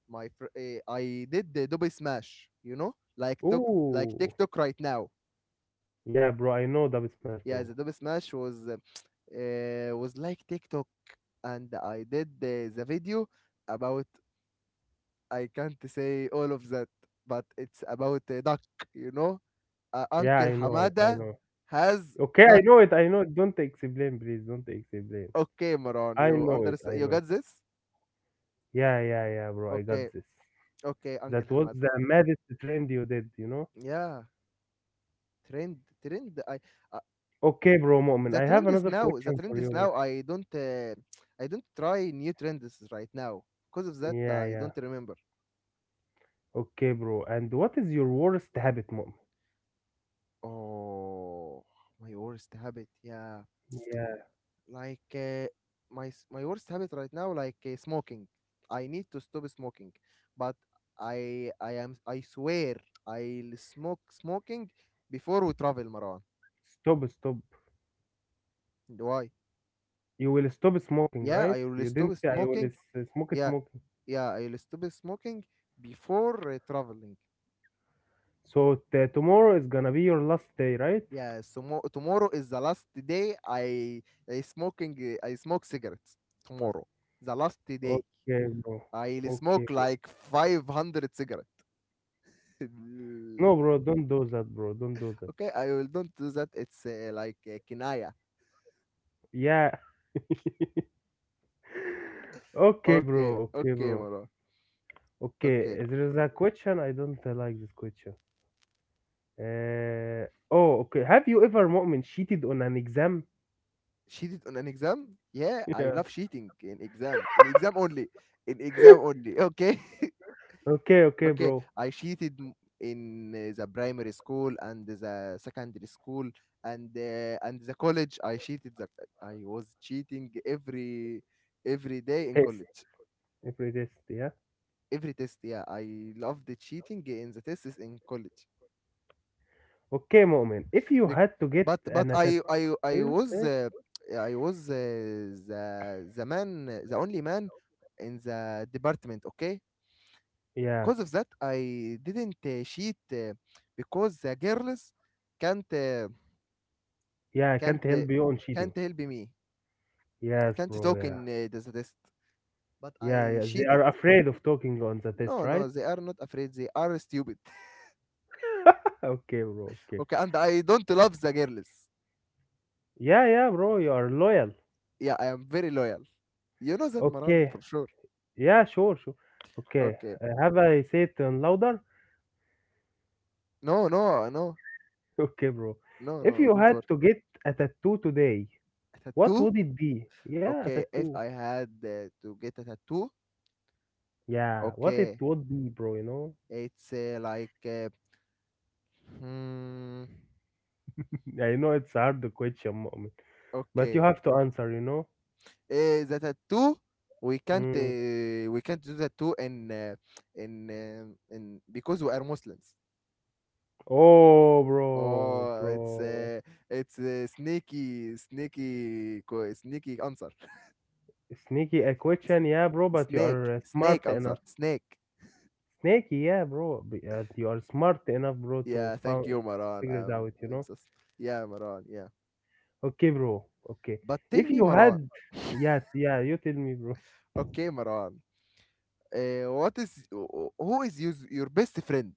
Speaker 1: I did the double smash, you know, like took like
Speaker 2: Ooh.
Speaker 1: TikTok right now.
Speaker 2: Yeah, bro, I know double smash,
Speaker 1: Yeah,
Speaker 2: bro.
Speaker 1: the Adobe Smash was like TikTok, and I did the video about. I can't say all of that, but it's about a duck. You know,
Speaker 2: Yeah,
Speaker 1: Uncle
Speaker 2: I know it, I
Speaker 1: Hamada
Speaker 2: know.
Speaker 1: has
Speaker 2: Okay, I
Speaker 1: duck.
Speaker 2: know it, I know it. Don't explain, please. Don't explain.
Speaker 1: Okay, Maran,
Speaker 2: I
Speaker 1: you
Speaker 2: know it,
Speaker 1: understand?
Speaker 2: I
Speaker 1: You got
Speaker 2: know.
Speaker 1: this?
Speaker 2: Yeah, yeah, yeah, bro, I
Speaker 1: Okay,
Speaker 2: got this.
Speaker 1: okay, Uncle
Speaker 2: That was
Speaker 1: Hamada.
Speaker 2: the maddest trend you did, you know?
Speaker 1: Yeah, trend. I uh,
Speaker 2: Okay, bro, Moment,
Speaker 1: the
Speaker 2: I have
Speaker 1: trend is
Speaker 2: another
Speaker 1: now. The
Speaker 2: question
Speaker 1: trend
Speaker 2: for
Speaker 1: is
Speaker 2: you, bro.
Speaker 1: now. I don't. I don't try new trends right now. Because of that,
Speaker 2: Yeah,
Speaker 1: I
Speaker 2: yeah.
Speaker 1: don't remember.
Speaker 2: Okay, bro. And what is your worst habit, Moment?
Speaker 1: Oh, my worst habit. Yeah,
Speaker 2: Yeah.
Speaker 1: like uh, my worst habit right now, like smoking. I need to stop smoking, but I swear I'll smoke smoking before we travel, Marwan.
Speaker 2: Stop, stop.
Speaker 1: Why?
Speaker 2: You will stop smoking,
Speaker 1: Yeah,
Speaker 2: right?
Speaker 1: I will
Speaker 2: You
Speaker 1: stop
Speaker 2: didn't say I will
Speaker 1: smoking.
Speaker 2: smoke
Speaker 1: Yeah,
Speaker 2: smoking.
Speaker 1: yeah, I will stop smoking before traveling.
Speaker 2: So tomorrow is gonna be your last day, right?
Speaker 1: Yeah, so tomorrow is the last day I smoke cigarettes tomorrow. The last day.
Speaker 2: Okay, bro.
Speaker 1: I'll smoke
Speaker 2: Okay.
Speaker 1: like 500 cigarettes.
Speaker 2: No, bro, don't do that, bro. Don't do that.
Speaker 1: okay, I will don't do that. It's like kinaya.
Speaker 2: Yeah. Okay,
Speaker 1: Okay,
Speaker 2: bro. Okay,
Speaker 1: okay,
Speaker 2: bro.
Speaker 1: Marwan. Okay.
Speaker 2: Okay, there is a question. I don't like this question. Oh, okay. Have you ever, Mu'min, cheated on an exam?
Speaker 1: Cheated on an exam? Yeah, I
Speaker 2: Yeah.
Speaker 1: love cheating in exam. In exam only. In exam only. Okay.
Speaker 2: Okay, okay,
Speaker 1: okay.
Speaker 2: bro.
Speaker 1: In the primary school and the secondary school and and the college. I cheated. The, I was cheating every day in
Speaker 2: Test.
Speaker 1: college.
Speaker 2: Every test, yeah.
Speaker 1: Every test, yeah. I loved the cheating in the tests in college.
Speaker 2: Okay, Mu'min. If you
Speaker 1: Bec-
Speaker 2: had to get
Speaker 1: But
Speaker 2: an attitude,
Speaker 1: I was The man, the only man in the department. Okay,
Speaker 2: yeah.
Speaker 1: because of that, I didn't cheat because the girls can't uh,
Speaker 2: Yeah, I
Speaker 1: can't
Speaker 2: can't
Speaker 1: uh,
Speaker 2: help you on cheating.
Speaker 1: can't help me.
Speaker 2: Yes,
Speaker 1: Can't
Speaker 2: bro.
Speaker 1: talk in
Speaker 2: Yeah.
Speaker 1: the test. But
Speaker 2: Yeah,
Speaker 1: I
Speaker 2: yeah. They
Speaker 1: cheated.
Speaker 2: are afraid of talking on the test,
Speaker 1: No,
Speaker 2: right?
Speaker 1: no, they are not afraid. They are stupid.
Speaker 2: Okay, bro. Okay.
Speaker 1: Okay, and I don't love the girls.
Speaker 2: Yeah, yeah, bro. You are loyal.
Speaker 1: Yeah, I am very loyal. You know that Maran
Speaker 2: Okay.
Speaker 1: for sure.
Speaker 2: Yeah, sure, sure. Okay.
Speaker 1: Okay.
Speaker 2: Have I said louder?
Speaker 1: No, no, no,
Speaker 2: Okay, bro.
Speaker 1: no,
Speaker 2: If
Speaker 1: no.
Speaker 2: you
Speaker 1: Don't
Speaker 2: had
Speaker 1: worry.
Speaker 2: to get a tattoo today,
Speaker 1: A
Speaker 2: what
Speaker 1: tattoo.
Speaker 2: would it be? Yeah, a
Speaker 1: Okay.
Speaker 2: tattoo.
Speaker 1: If I had to get a tattoo,
Speaker 2: Yeah, what it
Speaker 1: okay,
Speaker 2: would be, bro, you know?
Speaker 1: it's like, hmm,
Speaker 2: I know it's hard question, moment, but you
Speaker 1: okay,
Speaker 2: have to answer, you know?
Speaker 1: the tattoo.
Speaker 2: Mm.
Speaker 1: We can't do that too in because we are Muslims.
Speaker 2: Oh, bro,
Speaker 1: Oh,
Speaker 2: bro.
Speaker 1: it's sneaky answer.
Speaker 2: Sneaky a
Speaker 1: It's-
Speaker 2: question, yeah, bro, but you
Speaker 1: snake
Speaker 2: are
Speaker 1: snake
Speaker 2: smart
Speaker 1: answer
Speaker 2: enough.
Speaker 1: snake.
Speaker 2: Sneaky, yeah, bro, you are smart enough, bro, to
Speaker 1: Yeah, thank
Speaker 2: found,
Speaker 1: you, Maran.
Speaker 2: figure it out, you
Speaker 1: I'm
Speaker 2: know?
Speaker 1: just, yeah, Maran. Yeah,
Speaker 2: Okay, bro, okay.
Speaker 1: but tell
Speaker 2: If
Speaker 1: me,
Speaker 2: you had,
Speaker 1: Maran.
Speaker 2: yeah, yeah, you tell me, bro.
Speaker 1: Okay, Maran. What is Who is your best friend?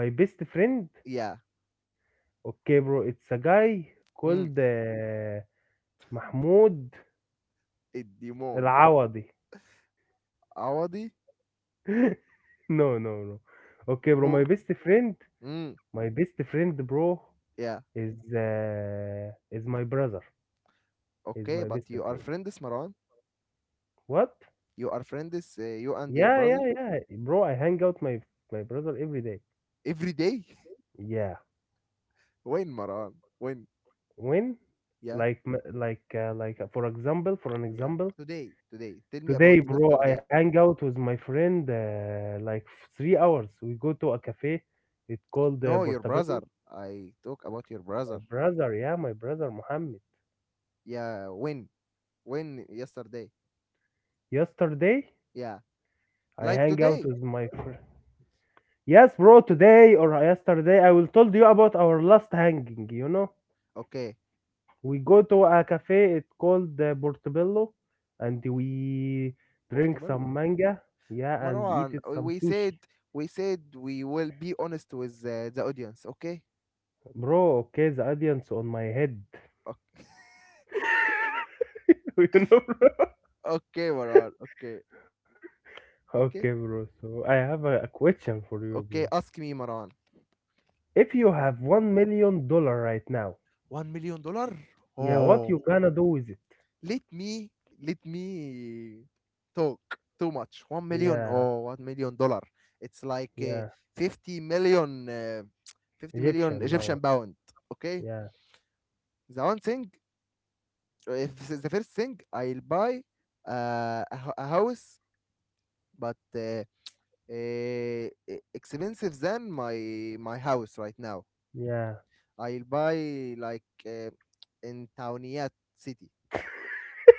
Speaker 2: My best friend,
Speaker 1: Yeah.
Speaker 2: okay, bro, it's a guy
Speaker 1: Hmm.
Speaker 2: called Mahmoud
Speaker 1: Demon.
Speaker 2: Al-Awadi.
Speaker 1: Awadi.
Speaker 2: No, no, no. Okay, bro, my
Speaker 1: Who?
Speaker 2: best friend,
Speaker 1: Hmm.
Speaker 2: bro,
Speaker 1: Yeah.
Speaker 2: is my brother. He's my
Speaker 1: Okay,
Speaker 2: best
Speaker 1: but you are
Speaker 2: friend.
Speaker 1: friends, Maran.
Speaker 2: What?
Speaker 1: You are friends. You and your
Speaker 2: Yeah, yeah,
Speaker 1: brother
Speaker 2: yeah. Bro, I hang out my brother every day.
Speaker 1: every day.
Speaker 2: Yeah.
Speaker 1: when, Maran? When?
Speaker 2: When?
Speaker 1: Yeah.
Speaker 2: For example, for an
Speaker 1: Yeah.
Speaker 2: example,
Speaker 1: Today. Today. Tell me
Speaker 2: today,
Speaker 1: about
Speaker 2: bro, I
Speaker 1: yesterday.
Speaker 2: hang out with my friend like 3 hours. We go to a cafe. It's called
Speaker 1: No, your brother.
Speaker 2: Portobello.
Speaker 1: I talk about your brother.
Speaker 2: My brother, yeah, my brother Mohammed.
Speaker 1: Yeah. When? When yesterday?
Speaker 2: Yesterday,
Speaker 1: Yeah,
Speaker 2: I
Speaker 1: like
Speaker 2: hang out
Speaker 1: today.
Speaker 2: with my friend. Yes, bro, today or yesterday, I will told you about our last hanging, you know?
Speaker 1: Okay,
Speaker 2: We go to a cafe, it's called the Portobello, and we drink some
Speaker 1: Portobello.
Speaker 2: manga, yeah, and eat it
Speaker 1: Marwan, we
Speaker 2: some
Speaker 1: we
Speaker 2: sushi.
Speaker 1: said, we said we will be honest with the audience. Okay,
Speaker 2: Bro, okay, the audience on my head,
Speaker 1: okay,
Speaker 2: you know.
Speaker 1: okay, Marwan. Okay,
Speaker 2: Okay,
Speaker 1: okay,
Speaker 2: bro, so I have a question for you, bro.
Speaker 1: okay. Ask me, Marwan.
Speaker 2: If
Speaker 1: What is
Speaker 2: you
Speaker 1: that?
Speaker 2: have $1 million right now,
Speaker 1: $1 million?
Speaker 2: yeah, what
Speaker 1: Oh,
Speaker 2: you gonna do with it?
Speaker 1: let me let me talk too much. 1 million. Or
Speaker 2: Yeah.
Speaker 1: Oh, $1 million. It's like
Speaker 2: Yeah,
Speaker 1: 50 million. 50 million
Speaker 2: Egyptian
Speaker 1: Egyptian
Speaker 2: pound,
Speaker 1: pound. Okay,
Speaker 2: yeah.
Speaker 1: the one thing if this is the first thing I'll buy a house, but uh, expensive than my house right now.
Speaker 2: Yeah,
Speaker 1: I'll buy like in Tauniyat city.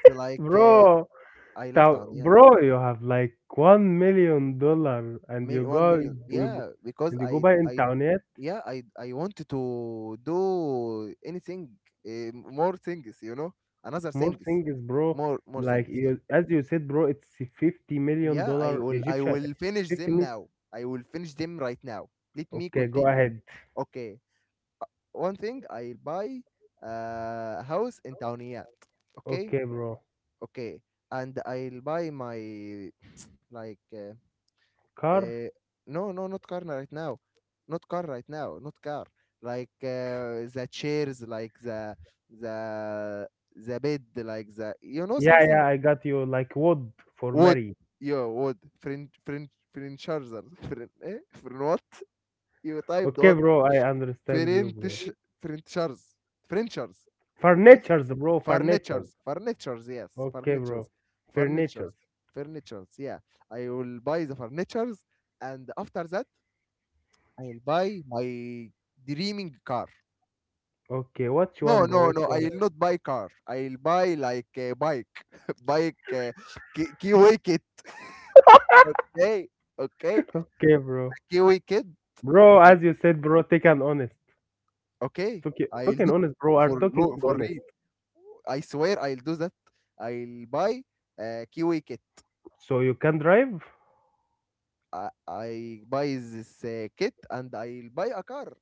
Speaker 1: So like
Speaker 2: bro.
Speaker 1: I love
Speaker 2: Thou,
Speaker 1: Tauniyat.
Speaker 2: bro, you have like $1 million, and you
Speaker 1: One
Speaker 2: go,
Speaker 1: million,
Speaker 2: you, go-
Speaker 1: yeah,
Speaker 2: and
Speaker 1: because
Speaker 2: you go buy
Speaker 1: I
Speaker 2: internet,
Speaker 1: yeah I wanted to do anything, more things, you know, another
Speaker 2: more
Speaker 1: things,
Speaker 2: things, bro.
Speaker 1: more
Speaker 2: Like
Speaker 1: things, yeah.
Speaker 2: you, as you said, bro, it's fifty million
Speaker 1: Yeah, I
Speaker 2: dollar
Speaker 1: will I
Speaker 2: Egyptian,
Speaker 1: will finish
Speaker 2: fifty
Speaker 1: them
Speaker 2: million.
Speaker 1: now. I will finish them right now. Let me
Speaker 2: Okay, go
Speaker 1: continue.
Speaker 2: ahead.
Speaker 1: Okay. One thing I'll buy a house in Tawniyat. Okay?
Speaker 2: Okay, bro.
Speaker 1: Okay. And I'll buy my like
Speaker 2: Car?
Speaker 1: uh, no no not car right now. Not car right now, not car. Like the chairs, like the the bed, like the you know
Speaker 2: Yeah, yeah,
Speaker 1: something
Speaker 2: I got you. Like wood for
Speaker 1: وود
Speaker 2: Mary.
Speaker 1: يو وود فرنش فرنش فرنشارزر فرن ايه فرن وات يو تايب
Speaker 2: Okay,
Speaker 1: وات
Speaker 2: bro, I understand you, bro.
Speaker 1: فرنتش فرنتشارز فرنشارز اي
Speaker 2: Furnitures, bro, furnitures.
Speaker 1: فرنتشرز فرنتشرز يس
Speaker 2: Okay, bro.
Speaker 1: فرنتشرز
Speaker 2: Furnitures.
Speaker 1: فرنتشرز فرنتشرز yeah I will buy the furnitures and after that I will buy my dreaming car.
Speaker 2: Okay, what you
Speaker 1: No
Speaker 2: want, bro?
Speaker 1: no
Speaker 2: What
Speaker 1: no,
Speaker 2: you
Speaker 1: I
Speaker 2: want?
Speaker 1: will not buy car, I will buy like a bike. bike kiwi kit. okay, okay
Speaker 2: Okay, bro.
Speaker 1: kiwi kid.
Speaker 2: Bro, as you said, bro, take an honest.
Speaker 1: Okay,
Speaker 2: Talking,
Speaker 1: I'll
Speaker 2: talking
Speaker 1: do
Speaker 2: honest, bro, are
Speaker 1: for
Speaker 2: talking
Speaker 1: ro for
Speaker 2: honest.
Speaker 1: real. I swear I'll do that. I'll buy a Kiwi kit.
Speaker 2: So you can drive?
Speaker 1: I buy this kit and I'll buy a car.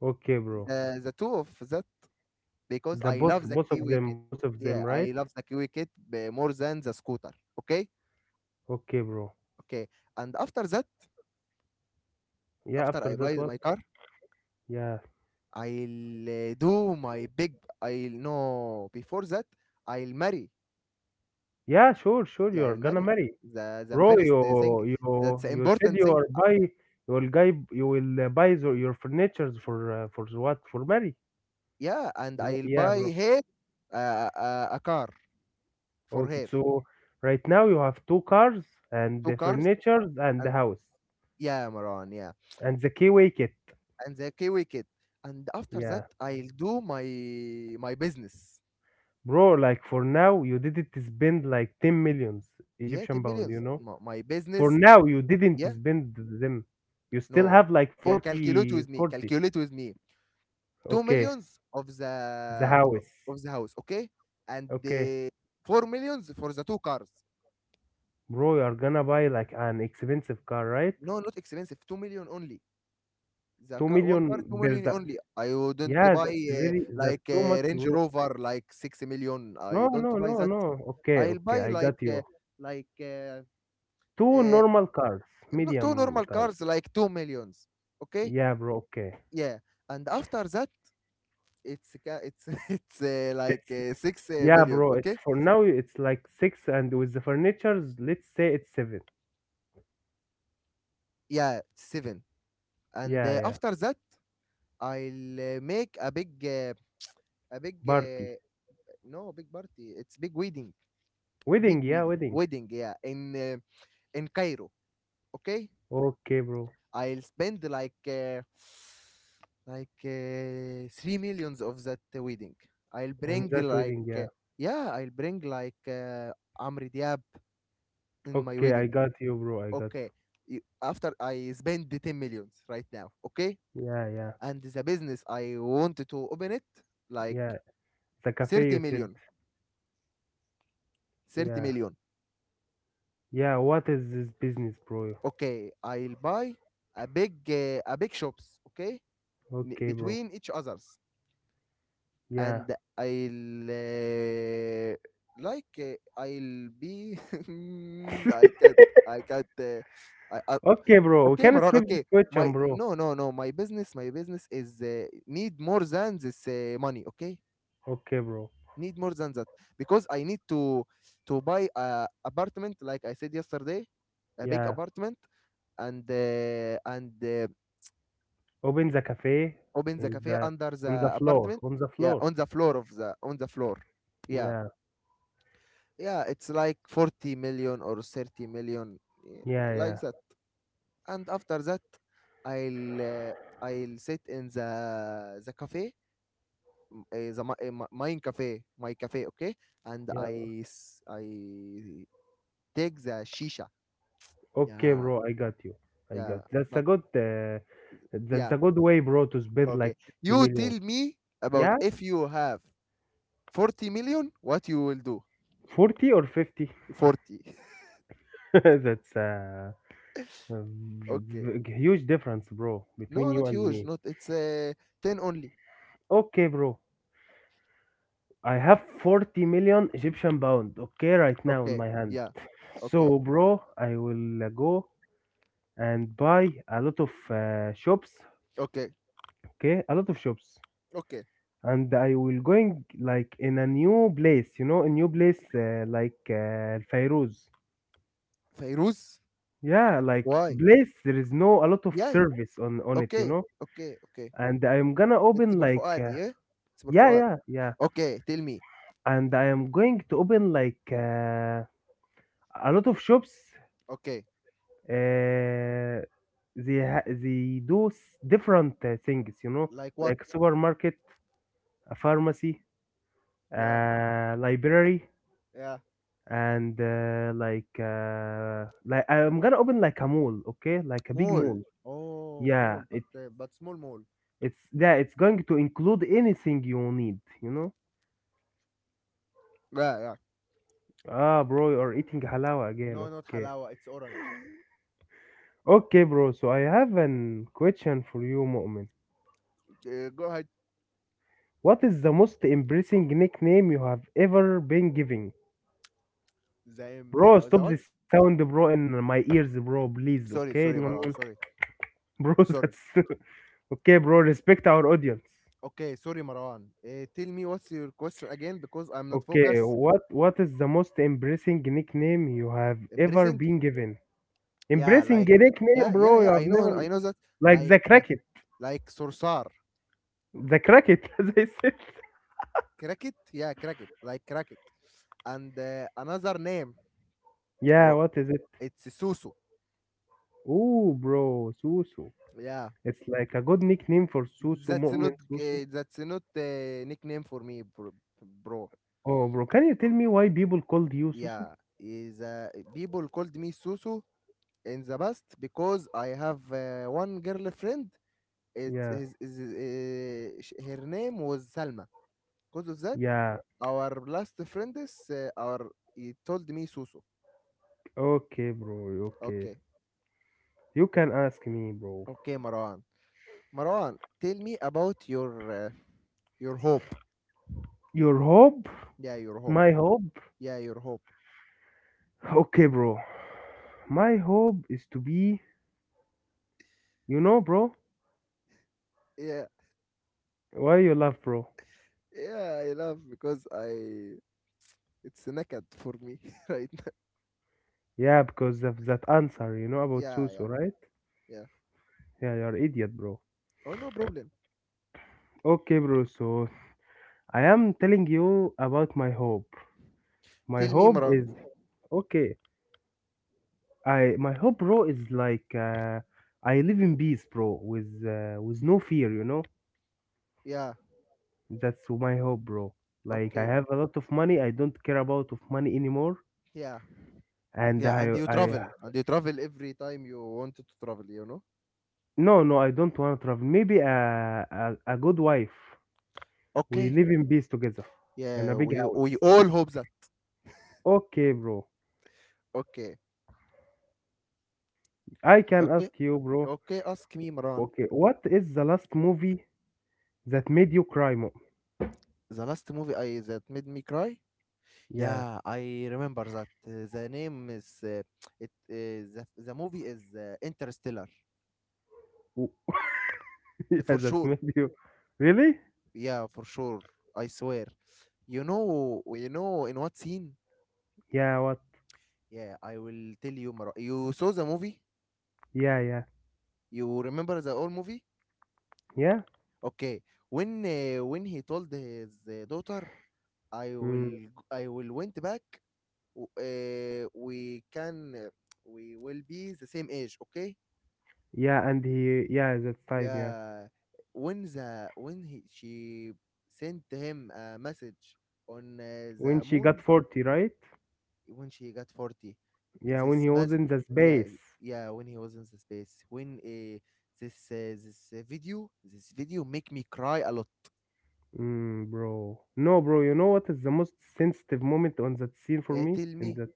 Speaker 2: Okay, bro.
Speaker 1: The two of that because
Speaker 2: The
Speaker 1: I
Speaker 2: both,
Speaker 1: love the Kiwi kit.
Speaker 2: both of them,
Speaker 1: Yeah,
Speaker 2: right?
Speaker 1: I love the Kiwi kit more than the scooter. Okay,
Speaker 2: Okay, bro.
Speaker 1: okay. And after that,
Speaker 2: Yeah,
Speaker 1: after
Speaker 2: after
Speaker 1: I
Speaker 2: that,
Speaker 1: buy
Speaker 2: what?
Speaker 1: my car,
Speaker 2: Yeah.
Speaker 1: I'll do my big. I'll no Before that I'll marry.
Speaker 2: Yeah, sure, sure,
Speaker 1: Yeah,
Speaker 2: you're
Speaker 1: I'll
Speaker 2: gonna
Speaker 1: marry.
Speaker 2: marry.
Speaker 1: The
Speaker 2: Bro,
Speaker 1: first
Speaker 2: you,
Speaker 1: thing
Speaker 2: you,
Speaker 1: that's the
Speaker 2: you said
Speaker 1: important
Speaker 2: you
Speaker 1: thing.
Speaker 2: are buy, you will guy, you will buy the, your furnitures for the what? For marry?
Speaker 1: Yeah, and
Speaker 2: Yeah,
Speaker 1: I'll
Speaker 2: yeah,
Speaker 1: buy
Speaker 2: bro.
Speaker 1: her uh, a car for
Speaker 2: Okay,
Speaker 1: her,
Speaker 2: so right now you have two cars and
Speaker 1: two
Speaker 2: the
Speaker 1: cars,
Speaker 2: furnitures and the
Speaker 1: and
Speaker 2: house
Speaker 1: yeah, Maran, yeah,
Speaker 2: and the keyway kit.
Speaker 1: and the Kiwi kid. And after that,
Speaker 2: Yeah.
Speaker 1: I'll do my business.
Speaker 2: Bro, like for now, you didn't spend like 10 millions
Speaker 1: Yeah,
Speaker 2: Egyptian
Speaker 1: ten
Speaker 2: pound, you
Speaker 1: millions.
Speaker 2: know?
Speaker 1: My
Speaker 2: For
Speaker 1: business.
Speaker 2: now, you didn't
Speaker 1: Yeah,
Speaker 2: spend them. You still
Speaker 1: no,
Speaker 2: have like
Speaker 1: yeah, calculate with me.
Speaker 2: 40.
Speaker 1: Calculate with me. Two
Speaker 2: Okay,
Speaker 1: millions of
Speaker 2: the
Speaker 1: the
Speaker 2: house.
Speaker 1: of the house, okay, and
Speaker 2: Okay,
Speaker 1: 4 millions for the two cars.
Speaker 2: bro, you are gonna buy like an expensive car, right?
Speaker 1: No, not expensive. 2 million only. The
Speaker 2: 2
Speaker 1: car, one
Speaker 2: million
Speaker 1: car, 2
Speaker 2: per
Speaker 1: million
Speaker 2: the.
Speaker 1: only. I wouldn't
Speaker 2: Yeah,
Speaker 1: buy
Speaker 2: that's very, that's too much,
Speaker 1: Range
Speaker 2: bro.
Speaker 1: Rover, like 6 million. I
Speaker 2: No,
Speaker 1: don't
Speaker 2: no,
Speaker 1: buy
Speaker 2: no,
Speaker 1: that.
Speaker 2: no. Okay,
Speaker 1: I'll
Speaker 2: okay,
Speaker 1: buy
Speaker 2: I got you.
Speaker 1: like uh,
Speaker 2: Two
Speaker 1: uh,
Speaker 2: normal cars,
Speaker 1: two
Speaker 2: medium
Speaker 1: normal
Speaker 2: cars.
Speaker 1: cars, like 2 millions. Okay.
Speaker 2: Yeah, bro, okay.
Speaker 1: Yeah, and after that, it's ca- it's it's like
Speaker 2: It's,
Speaker 1: 6
Speaker 2: yeah,
Speaker 1: millions.
Speaker 2: bro. It's
Speaker 1: Okay.
Speaker 2: for now. It's like six, and with the furnitures, let's say it's seven.
Speaker 1: Yeah, 7. And
Speaker 2: Yeah, yeah.
Speaker 1: after that, I'll make a big a big
Speaker 2: Party,
Speaker 1: uh, no, big party, it's big wedding. Big
Speaker 2: wedding. Yeah,
Speaker 1: wedding
Speaker 2: wedding.
Speaker 1: wedding yeah, in Cairo. Okay,
Speaker 2: Okay, bro.
Speaker 1: I'll spend like 3 millions of that wedding. I'll
Speaker 2: On
Speaker 1: bring
Speaker 2: that
Speaker 1: like
Speaker 2: wedding, yeah.
Speaker 1: Yeah, I'll bring like Amri Diab in my
Speaker 2: Okay, I
Speaker 1: wedding.
Speaker 2: got you, bro. I got
Speaker 1: Okay. After I spend the 10 millions right now. Okay,
Speaker 2: you. Yeah, yeah,
Speaker 1: and the business I wanted to open it, like
Speaker 2: yeah. The cafe
Speaker 1: thirty
Speaker 2: you said.
Speaker 1: million, thirty
Speaker 2: Yeah,
Speaker 1: million,
Speaker 2: yeah. What is this business, bro?
Speaker 1: Okay, I'll buy a big shops. Okay,
Speaker 2: Okay, bro.
Speaker 1: between each others.
Speaker 2: Yeah.
Speaker 1: And I'll uh, I'll be I can't I can't. I
Speaker 2: Okay, bro. We
Speaker 1: Okay,
Speaker 2: can
Speaker 1: Maran.
Speaker 2: skip this
Speaker 1: Okay. My,
Speaker 2: question, bro.
Speaker 1: no, no, no, my business is need more than this money. Okay.
Speaker 2: Okay, bro.
Speaker 1: Need more than that because I need to buy a apartment, like I said yesterday. A big
Speaker 2: Yeah.
Speaker 1: apartment, and
Speaker 2: Open the cafe
Speaker 1: open the
Speaker 2: in
Speaker 1: cafe
Speaker 2: the,
Speaker 1: under
Speaker 2: on the
Speaker 1: the
Speaker 2: floor.
Speaker 1: apartment.
Speaker 2: On the
Speaker 1: Yeah,
Speaker 2: floor.
Speaker 1: on the floor of the on the floor. Yeah.
Speaker 2: Yeah,
Speaker 1: Yeah, it's like 40 million or 30 million, yeah,
Speaker 2: yeah, yeah.
Speaker 1: like that. And after that, I'll uh, I'll sit in the cafe, m- eh, the mi- eh, mi- mine cafe, my cafe, okay? And
Speaker 2: Yeah.
Speaker 1: I take the shisha.
Speaker 2: Okay,
Speaker 1: Yeah.
Speaker 2: bro, I got you. I got,
Speaker 1: Yeah, but
Speaker 2: that's
Speaker 1: yeah,
Speaker 2: a good way, bro, to spend like
Speaker 1: okay.
Speaker 2: 50
Speaker 1: You
Speaker 2: million.
Speaker 1: tell me about,
Speaker 2: Yeah,
Speaker 1: if you have 40 million, what you will do?
Speaker 2: 40 or 50.
Speaker 1: 40.
Speaker 2: That's a
Speaker 1: Okay.
Speaker 2: huge difference, bro, between
Speaker 1: No,
Speaker 2: you
Speaker 1: not
Speaker 2: and
Speaker 1: huge.
Speaker 2: me.
Speaker 1: Not, it's 10 only.
Speaker 2: Okay, bro. I have 40 million Egyptian pound, okay, right now in
Speaker 1: Okay.
Speaker 2: my hand.
Speaker 1: Yeah. Okay.
Speaker 2: So, bro, I will go and buy a lot of shops,
Speaker 1: Okay,
Speaker 2: okay? A lot of shops.
Speaker 1: okay.
Speaker 2: And I will going like in a new place, you know, a new place like Fairuz.
Speaker 1: فيروز.
Speaker 2: Yeah, like
Speaker 1: Why?
Speaker 2: place there is no a lot of
Speaker 1: Yeah.
Speaker 2: service on it, you
Speaker 1: Okay.
Speaker 2: know.
Speaker 1: Okay, okay,
Speaker 2: And I'm gonna
Speaker 1: it's
Speaker 2: open
Speaker 1: for
Speaker 2: like
Speaker 1: Fuad. Yeah, it's for
Speaker 2: yeah,
Speaker 1: Fuad.
Speaker 2: yeah, yeah.
Speaker 1: Okay, tell me.
Speaker 2: And I am going to open like a lot of shops.
Speaker 1: Okay.
Speaker 2: Uh, they do different things, you know,
Speaker 1: Like what?
Speaker 2: like supermarket, a pharmacy,
Speaker 1: Yeah.
Speaker 2: library,
Speaker 1: Yeah.
Speaker 2: and like I'm gonna open like a mall, okay, like a big
Speaker 1: Mall.
Speaker 2: mall.
Speaker 1: Oh,
Speaker 2: Yeah,
Speaker 1: mall,
Speaker 2: it
Speaker 1: but small mall.
Speaker 2: it's yeah, it's going to include anything you need, you know.
Speaker 1: Yeah. Yeah,
Speaker 2: Ah, bro, you are eating halawa again.
Speaker 1: no, not
Speaker 2: Okay,
Speaker 1: halawa, it's orange.
Speaker 2: okay, bro. So I have an question for you, Mu'min.
Speaker 1: Go ahead.
Speaker 2: What is the most embarrassing nickname you have ever been given?
Speaker 1: the, the,
Speaker 2: Bro,
Speaker 1: the what?
Speaker 2: stop the sound, bro, in my ears, bro, please,
Speaker 1: Sorry,
Speaker 2: okay?
Speaker 1: sorry, Marwan, sorry.
Speaker 2: Bro,
Speaker 1: Sorry.
Speaker 2: that's okay, bro. Respect our audience.
Speaker 1: Okay, sorry, Marwan. Tell me what's your question again, because I'm not
Speaker 2: Okay,
Speaker 1: focused.
Speaker 2: what, is the most embarrassing nickname you have ever
Speaker 1: Embracing?
Speaker 2: been given?
Speaker 1: Yeah,
Speaker 2: Embarrassing
Speaker 1: like,
Speaker 2: nickname,
Speaker 1: yeah, yeah,
Speaker 2: bro. You
Speaker 1: yeah,
Speaker 2: have
Speaker 1: I
Speaker 2: never,
Speaker 1: know that.
Speaker 2: like
Speaker 1: Like
Speaker 2: the cracket,
Speaker 1: Sorcerer.
Speaker 2: as I said.
Speaker 1: Cricket, yeah, Cricket, like Cricket. And another name.
Speaker 2: Yeah,
Speaker 1: Well,
Speaker 2: what is it?
Speaker 1: it's Susu.
Speaker 2: Ooh, bro, Susu.
Speaker 1: Yeah,
Speaker 2: It's like a good nickname for Susu, Mu'min Susu.
Speaker 1: that's not a nickname for me, bro. Bro.
Speaker 2: Oh, bro, can you tell me why people called you Susu?
Speaker 1: Yeah, is people called me Susu in the past because I have one girlfriend. It's
Speaker 2: Yeah,
Speaker 1: her name was Salma. Because of that,
Speaker 2: yeah.
Speaker 1: our last friend is our he told me Susu.
Speaker 2: Okay, bro. Okay,
Speaker 1: Okay.
Speaker 2: you can ask me, bro.
Speaker 1: Okay, Marwan. Marwan, tell me about your hope.
Speaker 2: Your hope,
Speaker 1: Yeah, your hope.
Speaker 2: my hope.
Speaker 1: Yeah, your hope.
Speaker 2: Okay, bro. My hope is to be. You know, bro,
Speaker 1: Yeah,
Speaker 2: why you laugh, bro?
Speaker 1: yeah, I love, because I, it's naked for me right now.
Speaker 2: Yeah, because of that answer, about
Speaker 1: Yeah,
Speaker 2: Susu,
Speaker 1: yeah,
Speaker 2: right?
Speaker 1: yeah.
Speaker 2: Yeah, you're idiot, bro.
Speaker 1: Oh, no problem.
Speaker 2: Okay, bro, so I am telling you about my hope. My
Speaker 1: Tell me,
Speaker 2: hope is
Speaker 1: Marwan.
Speaker 2: okay. I my hope, bro, is like I live in peace, bro, with no fear,
Speaker 1: Yeah,
Speaker 2: That's my hope, bro. Like I
Speaker 1: okay.
Speaker 2: have a lot of money. I don't care about of money anymore,
Speaker 1: Yeah,
Speaker 2: and
Speaker 1: yeah.
Speaker 2: I I
Speaker 1: And you travel every time you want to travel, you know.
Speaker 2: no no, I don't want to travel. Maybe a good wife. We
Speaker 1: Okay.
Speaker 2: live in peace together in
Speaker 1: Yeah,
Speaker 2: a big
Speaker 1: we
Speaker 2: house.
Speaker 1: all hope that.
Speaker 2: Okay, bro.
Speaker 1: Okay.
Speaker 2: I can
Speaker 1: Okay,
Speaker 2: ask you, bro.
Speaker 1: okay. Ask me, Marwan.
Speaker 2: Okay, what is the last movie that made you cry, mom?
Speaker 1: The last movie I that made me cry.
Speaker 2: Yeah.
Speaker 1: Yeah, I remember that. The name is it. The movie is Interstellar,
Speaker 2: w- Yeah,
Speaker 1: for
Speaker 2: that
Speaker 1: sure.
Speaker 2: made you. Really?
Speaker 1: Yeah, for sure. I swear. You know, in what scene?
Speaker 2: Yeah, what?
Speaker 1: Yeah, I will tell you. You saw the movie?
Speaker 2: Yeah, yeah.
Speaker 1: You remember the old movie?
Speaker 2: Yeah?
Speaker 1: Okay. When he told his daughter,
Speaker 2: Mm.
Speaker 1: I will went back. We can, we will be the same age. Okay.
Speaker 2: Yeah, and he. Yeah, that time, yeah.
Speaker 1: Yeah, when she sent him a message on
Speaker 2: When
Speaker 1: the
Speaker 2: she got
Speaker 1: moon,
Speaker 2: 40, right?
Speaker 1: when she got 40,
Speaker 2: Yeah, when
Speaker 1: this
Speaker 2: he was
Speaker 1: mess
Speaker 2: in the
Speaker 1: yeah.
Speaker 2: space.
Speaker 1: Yeah, when he was in the space, when this this video this video make me cry a lot.
Speaker 2: Mm, bro. No, bro, you know what is the most sensitive moment on that scene for me?
Speaker 1: Tell
Speaker 2: In
Speaker 1: me.
Speaker 2: that.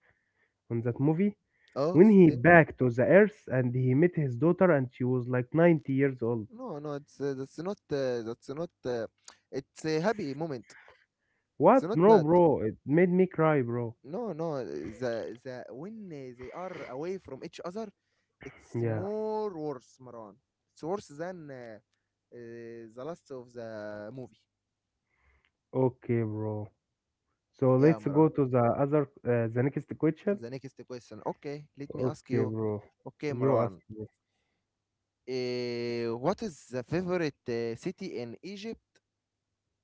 Speaker 2: On that movie?
Speaker 1: Oh,
Speaker 2: When he
Speaker 1: still?
Speaker 2: back to the earth and he met his daughter and she was like 90 years old.
Speaker 1: No, no, it's that's not it's a happy moment. It's
Speaker 2: What?
Speaker 1: not
Speaker 2: No,
Speaker 1: bad.
Speaker 2: bro. It made me cry, bro.
Speaker 1: No, no, the the when they are away from each other. It's
Speaker 2: Yeah.
Speaker 1: more worse, Marwan. It's worse than the last of the movie.
Speaker 2: Okay, bro. So
Speaker 1: Yeah,
Speaker 2: let's
Speaker 1: Marwan.
Speaker 2: go to the other the next question.
Speaker 1: The next question. Okay, let me ask
Speaker 2: Okay,
Speaker 1: you.
Speaker 2: bro.
Speaker 1: Okay,
Speaker 2: You ask
Speaker 1: Marwan.
Speaker 2: me.
Speaker 1: What is the favorite city in Egypt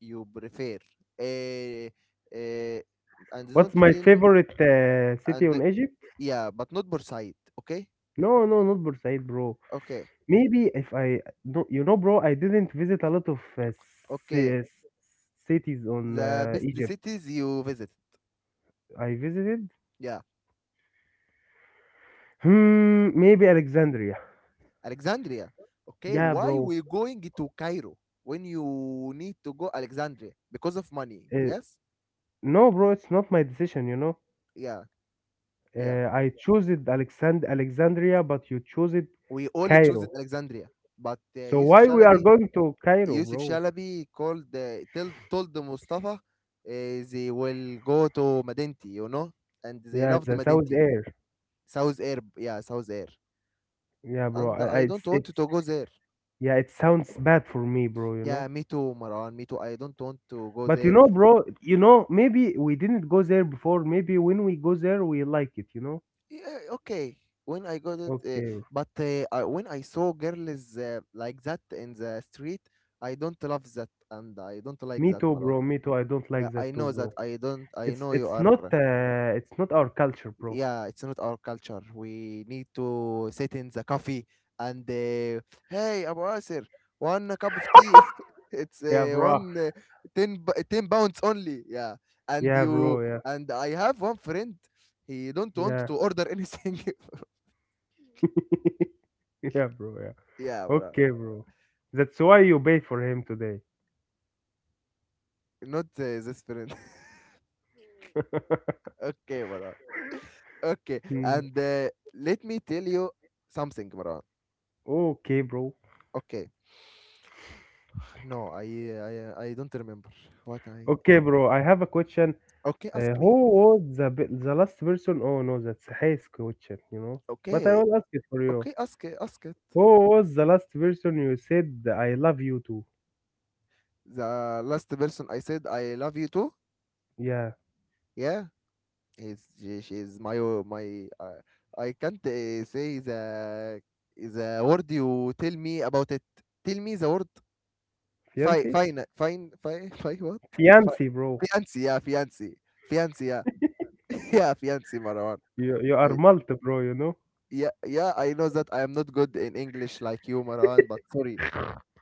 Speaker 1: you prefer? Uh, uh, and
Speaker 2: What's
Speaker 1: don't
Speaker 2: my
Speaker 1: tell me.
Speaker 2: favorite city
Speaker 1: And
Speaker 2: on Egypt?
Speaker 1: yeah, but not Bursaid. Okay.
Speaker 2: No, no, not Bursaid, bro.
Speaker 1: Okay.
Speaker 2: Maybe if I no, you know, bro, I didn't visit a lot of
Speaker 1: Okay.
Speaker 2: ci- cities on
Speaker 1: The best
Speaker 2: Egypt.
Speaker 1: cities you visit.
Speaker 2: I visited.
Speaker 1: Yeah.
Speaker 2: Hmm, maybe Alexandria.
Speaker 1: Alexandria. Okay,
Speaker 2: Yeah,
Speaker 1: why
Speaker 2: bro.
Speaker 1: we going to Cairo when you need to go Alexandria? Because of money.
Speaker 2: Uh,
Speaker 1: Yes?
Speaker 2: no, bro, it's not my decision, you know.
Speaker 1: Yeah, yeah.
Speaker 2: I chose it Alexandria, but you chose it
Speaker 1: We all choose
Speaker 2: Cairo.
Speaker 1: it Alexandria. But
Speaker 2: So
Speaker 1: Yusuf
Speaker 2: why we are
Speaker 1: Shalabi,
Speaker 2: going to Cairo,
Speaker 1: Yusuf
Speaker 2: bro?
Speaker 1: Shalabi called, told Mustafa they will go to Madinti, you know? And they
Speaker 2: Yeah,
Speaker 1: loved
Speaker 2: the South
Speaker 1: Madinti.
Speaker 2: Air.
Speaker 1: South Air, yeah, South Air.
Speaker 2: Yeah, bro.
Speaker 1: And I
Speaker 2: It's
Speaker 1: don't
Speaker 2: it's
Speaker 1: want to go there.
Speaker 2: yeah, it sounds bad for me, bro, you
Speaker 1: Yeah,
Speaker 2: know.
Speaker 1: me too, Maran, me too. I don't want to go
Speaker 2: But you
Speaker 1: there.
Speaker 2: know, bro, you know, maybe we didn't go there before. Maybe when we go there, we like it, you know.
Speaker 1: Yeah, okay. When I got it,
Speaker 2: Okay.
Speaker 1: when I saw girls like that in the street, I don't love that and I don't like
Speaker 2: Me
Speaker 1: that,
Speaker 2: too,
Speaker 1: Marwan.
Speaker 2: bro. Me too. I don't
Speaker 1: Yeah,
Speaker 2: like
Speaker 1: I
Speaker 2: that too,
Speaker 1: know that.
Speaker 2: bro.
Speaker 1: I don't. I know you are.
Speaker 2: It's not our culture, bro.
Speaker 1: Yeah, it's not our culture. We need to sit in the coffee and hey, Abu Asir, one cup of tea. it's
Speaker 2: Yeah,
Speaker 1: uh,
Speaker 2: bro.
Speaker 1: one 10 pounds only. Yeah, and
Speaker 2: Yeah, bro.
Speaker 1: you,
Speaker 2: Yeah.
Speaker 1: and I have one friend. He don't want to order anything.
Speaker 2: Yeah. Yeah, bro. Yeah.
Speaker 1: Yeah, Marwan.
Speaker 2: Okay, bro. That's why you pay for him today.
Speaker 1: Not this friend. Okay, Maran. Okay,
Speaker 2: Hmm.
Speaker 1: and let me tell you something, Maran.
Speaker 2: Okay, bro.
Speaker 1: Okay. No, I don't remember what I.
Speaker 2: Okay, bro. I have a question.
Speaker 1: Okay, ask me.
Speaker 2: Who was the the last person? Oh no, that's his question. You know. But I
Speaker 1: Okay,
Speaker 2: will ask it for you.
Speaker 1: okay, ask it, ask it.
Speaker 2: Who was the last person you said I love you to?
Speaker 1: The last person I said I love you too.
Speaker 2: Yeah,
Speaker 1: Yeah, she's my I can't say the word you tell me about it. Tell me the word. Fine,
Speaker 2: fiancé.
Speaker 1: fine, fine, fine, fine. What? Fi-
Speaker 2: Fiancé, bro.
Speaker 1: Fiancé, yeah, fiancé. Fiancé, yeah. Yeah, fiancé, Marwan.
Speaker 2: You are
Speaker 1: I
Speaker 2: multi, bro. You know.
Speaker 1: Yeah, yeah, I know that I am not good in English like you, Marwan. But sorry,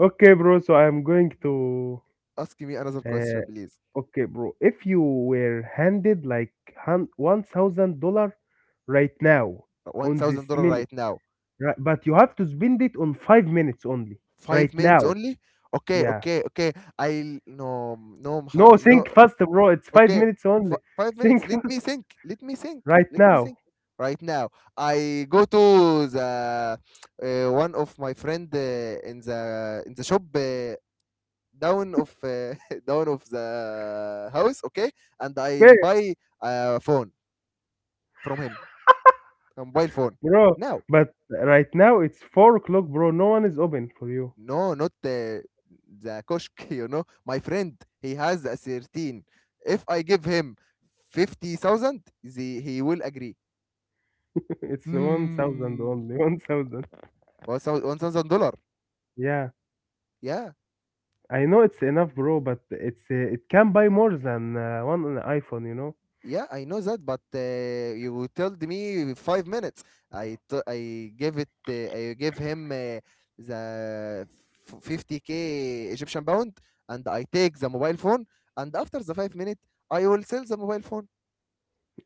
Speaker 2: Okay, bro. So I'm going to.
Speaker 1: ask me another
Speaker 2: Uh,
Speaker 1: question, please.
Speaker 2: Okay, bro. If you were handed like $1,000 right now
Speaker 1: One
Speaker 2: on
Speaker 1: thousand
Speaker 2: this
Speaker 1: dollar
Speaker 2: minute,
Speaker 1: right now.
Speaker 2: right, but you have to spend it on 5 minutes only right
Speaker 1: 5 minutes
Speaker 2: now.
Speaker 1: only. Okay,
Speaker 2: Yeah.
Speaker 1: okay, okay. I will, no, no,
Speaker 2: No,
Speaker 1: no.
Speaker 2: think fast, bro. It's five
Speaker 1: Okay,
Speaker 2: minutes only.
Speaker 1: 5 minutes.
Speaker 2: Think
Speaker 1: Let
Speaker 2: fast
Speaker 1: me think. Let me think.
Speaker 2: right
Speaker 1: Let me
Speaker 2: now.
Speaker 1: think. Right now, I go to the one of my friend in the shop, down of down of the house, okay, and I'll
Speaker 2: Okay,
Speaker 1: buy a phone from him, a mobile phone.
Speaker 2: bro.
Speaker 1: Now,
Speaker 2: But right now it's 4 o'clock, bro. No one is open for you.
Speaker 1: no, not the koshk, you know. My friend, he has a 13. If I give him 50,000, he will agree.
Speaker 2: it's 1,000
Speaker 1: Hmm.
Speaker 2: only. 1,000.
Speaker 1: $1,000.
Speaker 2: Yeah.
Speaker 1: Yeah.
Speaker 2: I know it's enough, bro, but it's it can buy more than one iPhone, you know?
Speaker 1: Yeah, I know that, but you told me 5 minutes. I gave it. I gave him the 50K Egyptian pound, and I take the mobile phone. And after the 5 minutes, I will sell the mobile phone.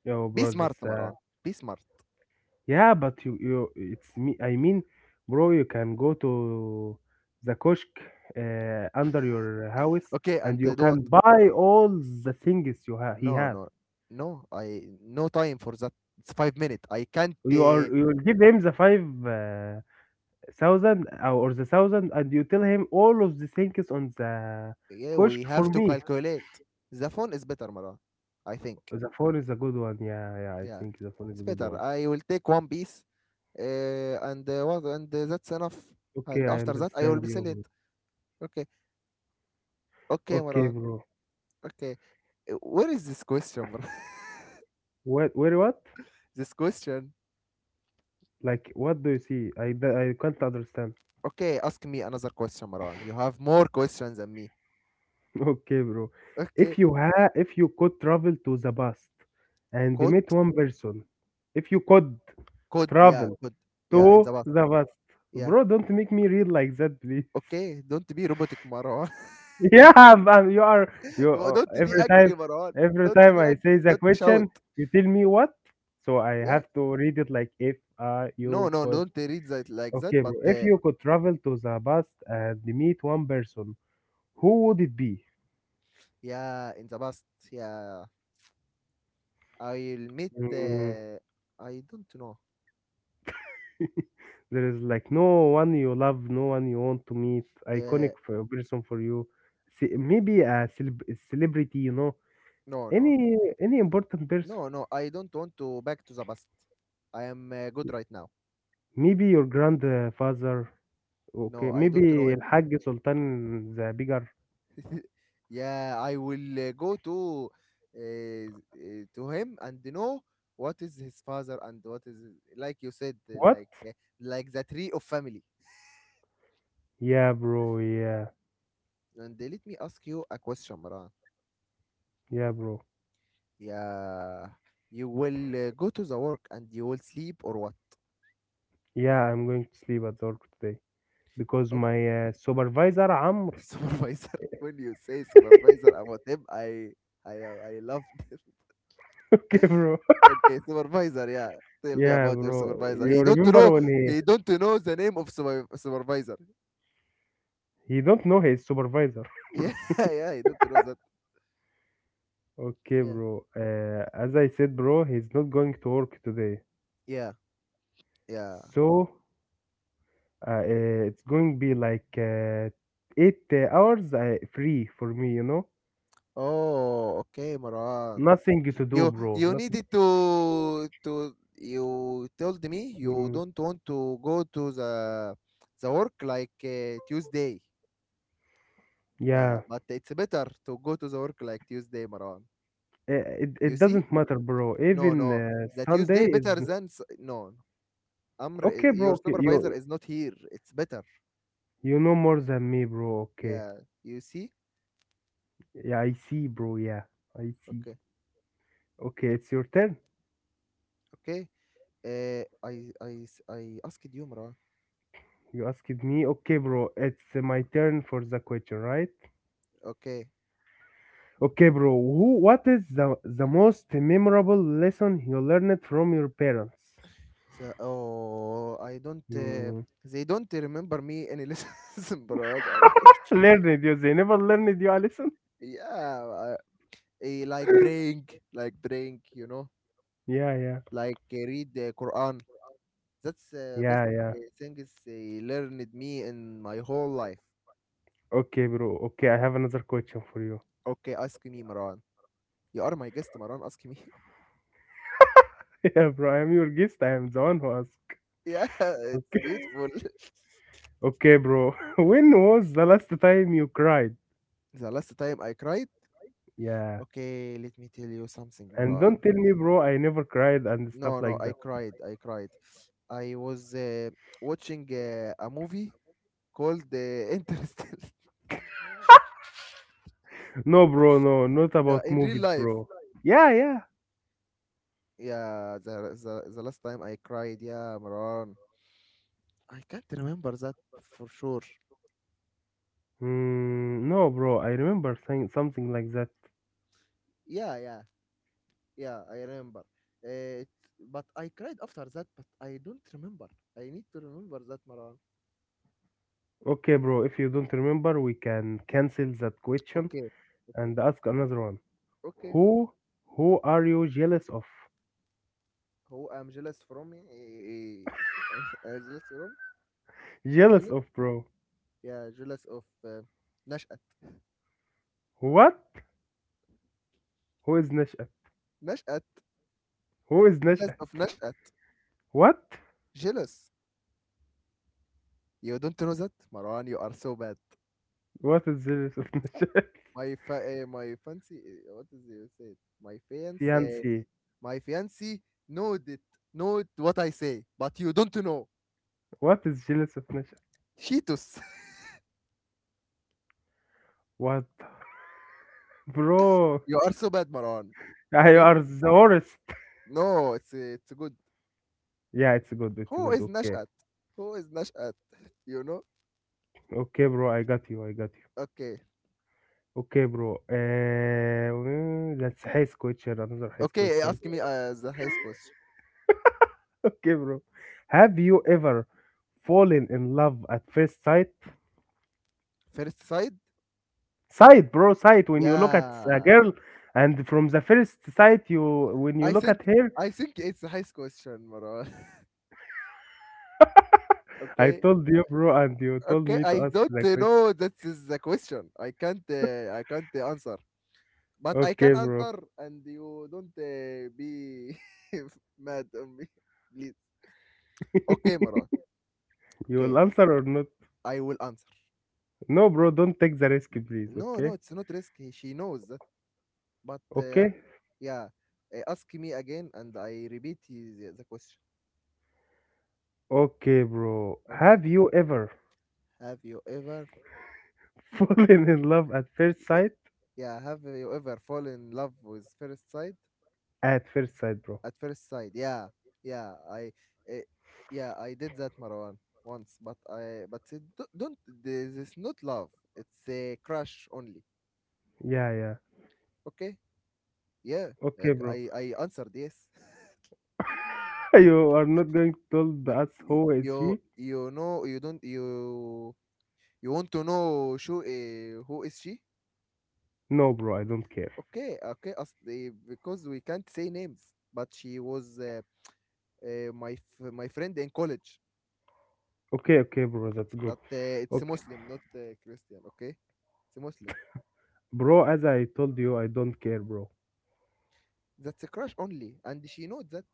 Speaker 2: Yo,
Speaker 1: Be
Speaker 2: bro,
Speaker 1: smart,
Speaker 2: that's
Speaker 1: Maran. Be smart.
Speaker 2: yeah, it's me. I mean, bro, you can go to the kiosk under your house,
Speaker 1: Okay,
Speaker 2: and
Speaker 1: and
Speaker 2: you
Speaker 1: uh, do what?
Speaker 2: can buy all the things you ha he
Speaker 1: No,
Speaker 2: have.
Speaker 1: no, no. I no time for that. It's 5 minutes. I can't.
Speaker 2: You are you will give him the five thousand or the 1,000, and you tell him all of the things on the
Speaker 1: Yeah, we
Speaker 2: kiosk for
Speaker 1: have to
Speaker 2: me.
Speaker 1: calculate. The phone is better, Maran. I think.
Speaker 2: The phone is a good one. Yeah, yeah, I
Speaker 1: Yeah,
Speaker 2: think the phone is
Speaker 1: it's
Speaker 2: a good
Speaker 1: better.
Speaker 2: one.
Speaker 1: I will take one piece, and what and that's enough,
Speaker 2: Okay,
Speaker 1: and
Speaker 2: I
Speaker 1: after that I will
Speaker 2: understand
Speaker 1: be
Speaker 2: you,
Speaker 1: sell it.
Speaker 2: bro.
Speaker 1: Okay. Okay,
Speaker 2: Okay,
Speaker 1: Maran.
Speaker 2: bro.
Speaker 1: Okay. Where is this question, Maran?
Speaker 2: What? Where? What?
Speaker 1: This question.
Speaker 2: Like, what do you see? I can't understand.
Speaker 1: Okay, ask me another question, Maran, you have more questions than me.
Speaker 2: Okay, bro.
Speaker 1: Okay.
Speaker 2: If you could travel to the past and
Speaker 1: could
Speaker 2: meet one person, if you could
Speaker 1: could yeah.
Speaker 2: travel
Speaker 1: Could?
Speaker 2: to
Speaker 1: Yeah, in the bus.
Speaker 2: the past,
Speaker 1: Yeah.
Speaker 2: bro, don't make me read like that, please.
Speaker 1: Okay, don't be robotic, Maran.
Speaker 2: Yeah, man, you are you
Speaker 1: Well, don't be angry, Maran.
Speaker 2: every
Speaker 1: Don't
Speaker 2: time
Speaker 1: be
Speaker 2: I say
Speaker 1: angry.
Speaker 2: the
Speaker 1: Don't shout.
Speaker 2: question, you tell me what? So I
Speaker 1: Yeah.
Speaker 2: have to read it like if you
Speaker 1: No, no,
Speaker 2: could.
Speaker 1: don't read that like that,
Speaker 2: Okay, bro.
Speaker 1: but
Speaker 2: If
Speaker 1: uh,
Speaker 2: you could travel to the past and meet one person, who would it be?
Speaker 1: yeah, in the past. Yeah, I'll meet.
Speaker 2: Mm,
Speaker 1: I don't know.
Speaker 2: there is like no one you love, no one you want to meet,
Speaker 1: Uh,
Speaker 2: iconic for person for you, maybe a celebrity, you know,
Speaker 1: no, no,
Speaker 2: any important person,
Speaker 1: no, no. I don't want to back to the past. I am good right now.
Speaker 2: maybe your grandfather, okay,
Speaker 1: No, I don't know
Speaker 2: maybe
Speaker 1: him.
Speaker 2: Hajj Sultan the bigger.
Speaker 1: Yeah, I will go to him and know what is his father and what is, like you said,
Speaker 2: What?
Speaker 1: like the tree of family.
Speaker 2: Yeah, bro. Yeah,
Speaker 1: And let me ask you a question, Maran.
Speaker 2: yeah, bro.
Speaker 1: Yeah, you will go to the work and you will sleep, or what?
Speaker 2: Yeah, I'm going to sleep at work today because my supervisor Amr.
Speaker 1: Supervisor. When you say supervisor about him, I loved him.
Speaker 2: okay, bro.
Speaker 1: Okay, supervisor. Yeah, tell me
Speaker 2: Yeah,
Speaker 1: about your
Speaker 2: bro.
Speaker 1: supervisor.
Speaker 2: You
Speaker 1: He don't
Speaker 2: remember
Speaker 1: know.
Speaker 2: when he.
Speaker 1: He don't know the name of supervisor.
Speaker 2: He don't know his supervisor, bro.
Speaker 1: Yeah, yeah. He don't know that.
Speaker 2: Okay,
Speaker 1: Yeah,
Speaker 2: bro. As I said, bro, he's not going to work today.
Speaker 1: yeah, yeah.
Speaker 2: So it's going to be like eight hours free for me, you know?
Speaker 1: Oh, okay, Maran.
Speaker 2: Nothing to do,
Speaker 1: You
Speaker 2: bro.
Speaker 1: you
Speaker 2: Nothing.
Speaker 1: needed to you told me you
Speaker 2: Mm,
Speaker 1: don't want to go to the work, like Tuesday. Yeah,
Speaker 2: yeah.
Speaker 1: but it's better to go to the work like Tuesday, Maran.
Speaker 2: Uh. It,
Speaker 1: You
Speaker 2: it
Speaker 1: see?
Speaker 2: doesn't matter, bro.
Speaker 1: No,
Speaker 2: Even
Speaker 1: no. That
Speaker 2: Sunday
Speaker 1: Tuesday
Speaker 2: is
Speaker 1: better than no. Amr,
Speaker 2: okay,
Speaker 1: is,
Speaker 2: bro.
Speaker 1: your
Speaker 2: Okay, you
Speaker 1: supervisor is not here. It's better.
Speaker 2: you know more than me, bro. Okay.
Speaker 1: Yeah. You see?
Speaker 2: Yeah, I see, bro. Yeah, I see.
Speaker 1: Okay.
Speaker 2: Okay, it's your turn.
Speaker 1: Okay. I asked you, Mara.
Speaker 2: You asked me, okay, bro, it's my turn for the question, right?
Speaker 1: Okay.
Speaker 2: Okay, bro, who, what is the most memorable lesson you learned from your parents?
Speaker 1: So, oh, I don't.
Speaker 2: Mm.
Speaker 1: They don't remember me any lessons, bro. I-
Speaker 2: learned you, they never learned you a lesson?
Speaker 1: Yeah. Like praying, You know,
Speaker 2: Yeah, yeah,
Speaker 1: like read the Quran. That's best
Speaker 2: yeah, yeah.
Speaker 1: thing is they learned me in my whole life.
Speaker 2: Okay, bro, okay, I have another question for you.
Speaker 1: Okay, ask me, Maran. You are my guest, Maran. Ask me.
Speaker 2: yeah, bro, I am your guest, I am the one who asked.
Speaker 1: Yeah, it's beautiful.
Speaker 2: Okay, bro, when was the last time you cried?
Speaker 1: The last time I cried.
Speaker 2: Yeah,
Speaker 1: Okay, let me tell you something,
Speaker 2: and don't
Speaker 1: Maran.
Speaker 2: tell me, bro, I never cried and stuff
Speaker 1: No, no,
Speaker 2: like
Speaker 1: I
Speaker 2: that.
Speaker 1: cried. I cried. I was watching a movie called Interstellar.
Speaker 2: No, bro, no, not
Speaker 1: Yeah,
Speaker 2: about
Speaker 1: in real
Speaker 2: movies,
Speaker 1: life.
Speaker 2: bro. Yeah, yeah.
Speaker 1: Yeah, the last time I cried. Yeah, Maran. I can't remember that for sure.
Speaker 2: Mm, no, bro, I remember saying something like that.
Speaker 1: Yeah, yeah. Yeah, I remember. Uh, it's, but I cried after that, but I don't remember. I need to remember that, Marwan.
Speaker 2: Okay, bro, if you don't remember, we can cancel that question
Speaker 1: Okay, okay,
Speaker 2: and ask another one.
Speaker 1: okay.
Speaker 2: Who, who are you jealous of?
Speaker 1: Who I'm jealous from? I'm jealous from?
Speaker 2: Jealous
Speaker 1: Jealous?
Speaker 2: of, bro.
Speaker 1: Yeah, jealous of Nash'at.
Speaker 2: What? Who is Nashat?
Speaker 1: Nash'at.
Speaker 2: Who is
Speaker 1: Jealous
Speaker 2: Nashat?
Speaker 1: of Nash'at.
Speaker 2: What?
Speaker 1: Jealous. You don't know that, Marwan. You are so bad.
Speaker 2: What is jealous of Nashat?
Speaker 1: My fancy. Eh, what is it? Say it. My fiance.
Speaker 2: Fiancé.
Speaker 1: My fiance know it. Know it what I say, but you don't know.
Speaker 2: What is jealous of Nashat?
Speaker 1: Cheetos.
Speaker 2: What? Bro,
Speaker 1: You are so bad, Marwan.
Speaker 2: you
Speaker 1: Okay?
Speaker 2: are the worst.
Speaker 1: No, it's good.
Speaker 2: Yeah, it's
Speaker 1: Who
Speaker 2: good,
Speaker 1: is
Speaker 2: okay.
Speaker 1: Nashat? Who is Nashat? You know?
Speaker 2: Okay, bro. I got you. I got you.
Speaker 1: Okay.
Speaker 2: Okay, bro. Mm, that's his question. Another his
Speaker 1: Okay,
Speaker 2: question.
Speaker 1: ask me the highest question.
Speaker 2: Okay, bro. Have you ever fallen in love at first sight?
Speaker 1: First side?
Speaker 2: Sight, bro. Sight. When you look at a
Speaker 1: Yeah.
Speaker 2: girl, and from the first sight, you when you
Speaker 1: I
Speaker 2: look
Speaker 1: think
Speaker 2: at her,
Speaker 1: I think it's a highest question, Marwan.
Speaker 2: I
Speaker 1: Okay?
Speaker 2: told you, bro, and you told
Speaker 1: Okay,
Speaker 2: me
Speaker 1: I
Speaker 2: to ask
Speaker 1: don't
Speaker 2: the question.
Speaker 1: know that is the question. I can't answer. But I
Speaker 2: Okay,
Speaker 1: can
Speaker 2: bro.
Speaker 1: answer and you don't be mad on me, please. Okay, Marwan.
Speaker 2: You will
Speaker 1: Okay.
Speaker 2: answer or not?
Speaker 1: I will answer.
Speaker 2: No, bro. Don't take the risk, please.
Speaker 1: No, no,
Speaker 2: Okay.
Speaker 1: it's not risky. She knows that. But uh,
Speaker 2: Okay.
Speaker 1: yeah, ask me again and I repeat the question.
Speaker 2: Okay, bro.
Speaker 1: Okay.
Speaker 2: Have you ever
Speaker 1: Have you ever,
Speaker 2: Fallen in love at first
Speaker 1: yeah,
Speaker 2: sight?
Speaker 1: yeah, have you ever fallen in love with first sight?
Speaker 2: At first sight, bro.
Speaker 1: At first sight, yeah, yeah, I, uh, yeah, I did that, Marwan, once. But don't, this is not love. It's a crush only.
Speaker 2: Yeah, yeah.
Speaker 1: Okay. Yeah,
Speaker 2: Okay,
Speaker 1: I,
Speaker 2: bro.
Speaker 1: I I answered yes.
Speaker 2: You are not going to tell us
Speaker 1: you,
Speaker 2: who is she?
Speaker 1: you know, you don't, You want to know who is she?
Speaker 2: No, bro, I don't care.
Speaker 1: Okay, okay, because we can't say names, but she was my friend in college.
Speaker 2: Okay, okay, bro, that's good.
Speaker 1: But it's a
Speaker 2: Okay.
Speaker 1: Muslim, not Christian. Okay, it's a Muslim.
Speaker 2: Bro, as I told you, I don't care, bro.
Speaker 1: That's a crush only, and she knows that.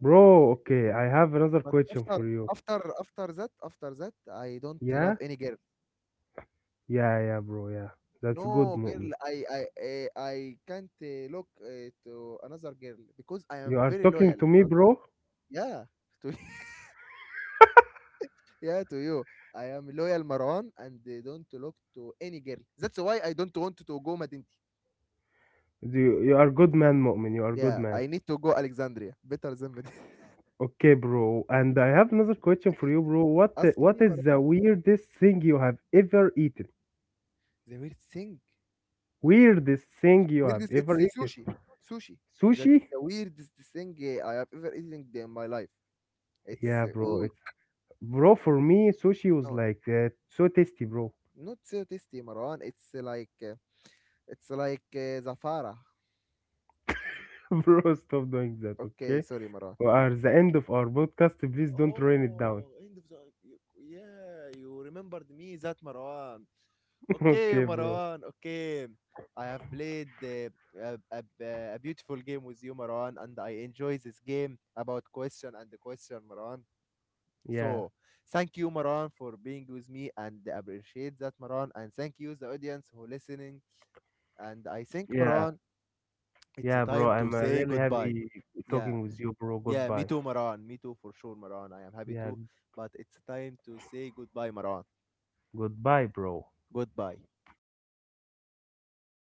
Speaker 2: Bro, okay, I have another
Speaker 1: But
Speaker 2: question
Speaker 1: after
Speaker 2: for you.
Speaker 1: after after that, I don't
Speaker 2: Yeah?
Speaker 1: love any girl.
Speaker 2: Yeah, yeah, bro, yeah. That's good,
Speaker 1: No girl,
Speaker 2: Mu'min.
Speaker 1: I can't look to another girl because I am
Speaker 2: You are
Speaker 1: very
Speaker 2: talking
Speaker 1: loyal.
Speaker 2: to me,
Speaker 1: Bruh.
Speaker 2: bro?
Speaker 1: Yeah, to Yeah, to you. I am loyal Marwan and don't look to any girl. That's why I don't want to go Madinti.
Speaker 2: Do You, you are good man, Mu'min. You are good
Speaker 1: Yeah,
Speaker 2: man.
Speaker 1: I need to go Alexandria. Better than Madinti.
Speaker 2: Okay, bro. And I have another question for you, bro.
Speaker 1: Ask
Speaker 2: What
Speaker 1: me, Marwan.
Speaker 2: is the weirdest thing you have ever eaten?
Speaker 1: The weird thing.
Speaker 2: Weirdest thing you have
Speaker 1: Weirdest, it's
Speaker 2: ever
Speaker 1: the
Speaker 2: eaten?
Speaker 1: sushi. Sushi. That's
Speaker 2: Sushi?
Speaker 1: the weirdest thing I have ever eaten in my life. It's,
Speaker 2: Yeah,
Speaker 1: uh,
Speaker 2: bro.
Speaker 1: ooh,
Speaker 2: It's bro for me, sushi was
Speaker 1: no,
Speaker 2: like so tasty, bro.
Speaker 1: not so tasty, Marwan. It's like Zafara.
Speaker 2: Bro, stop doing that,
Speaker 1: Okay,
Speaker 2: okay?
Speaker 1: sorry, Marwan.
Speaker 2: We are the end of our podcast. Please don't rain it down.
Speaker 1: Oh, end of the yeah, you remembered me that Marwan. Okay,
Speaker 2: Okay, bro.
Speaker 1: Marwan. Okay, I have played a, a, a beautiful game with you, Marwan, and I enjoy this game about question and the question, Marwan.
Speaker 2: Yeah,
Speaker 1: So, thank you, Marwan, for being with me and appreciate that, Marwan. And thank you, the audience who listening. And I think,
Speaker 2: yeah,
Speaker 1: Marwan, it's a
Speaker 2: yeah, bro.
Speaker 1: time to
Speaker 2: I'm
Speaker 1: say
Speaker 2: really
Speaker 1: goodbye.
Speaker 2: happy
Speaker 1: Yeah,
Speaker 2: talking with you, bro.
Speaker 1: yeah, me
Speaker 2: Goodbye.
Speaker 1: too, Maran. Me too, for sure, Maran. I am happy
Speaker 2: Yeah,
Speaker 1: too. But it's time to say goodbye, Maran.
Speaker 2: goodbye, bro.
Speaker 1: Goodbye.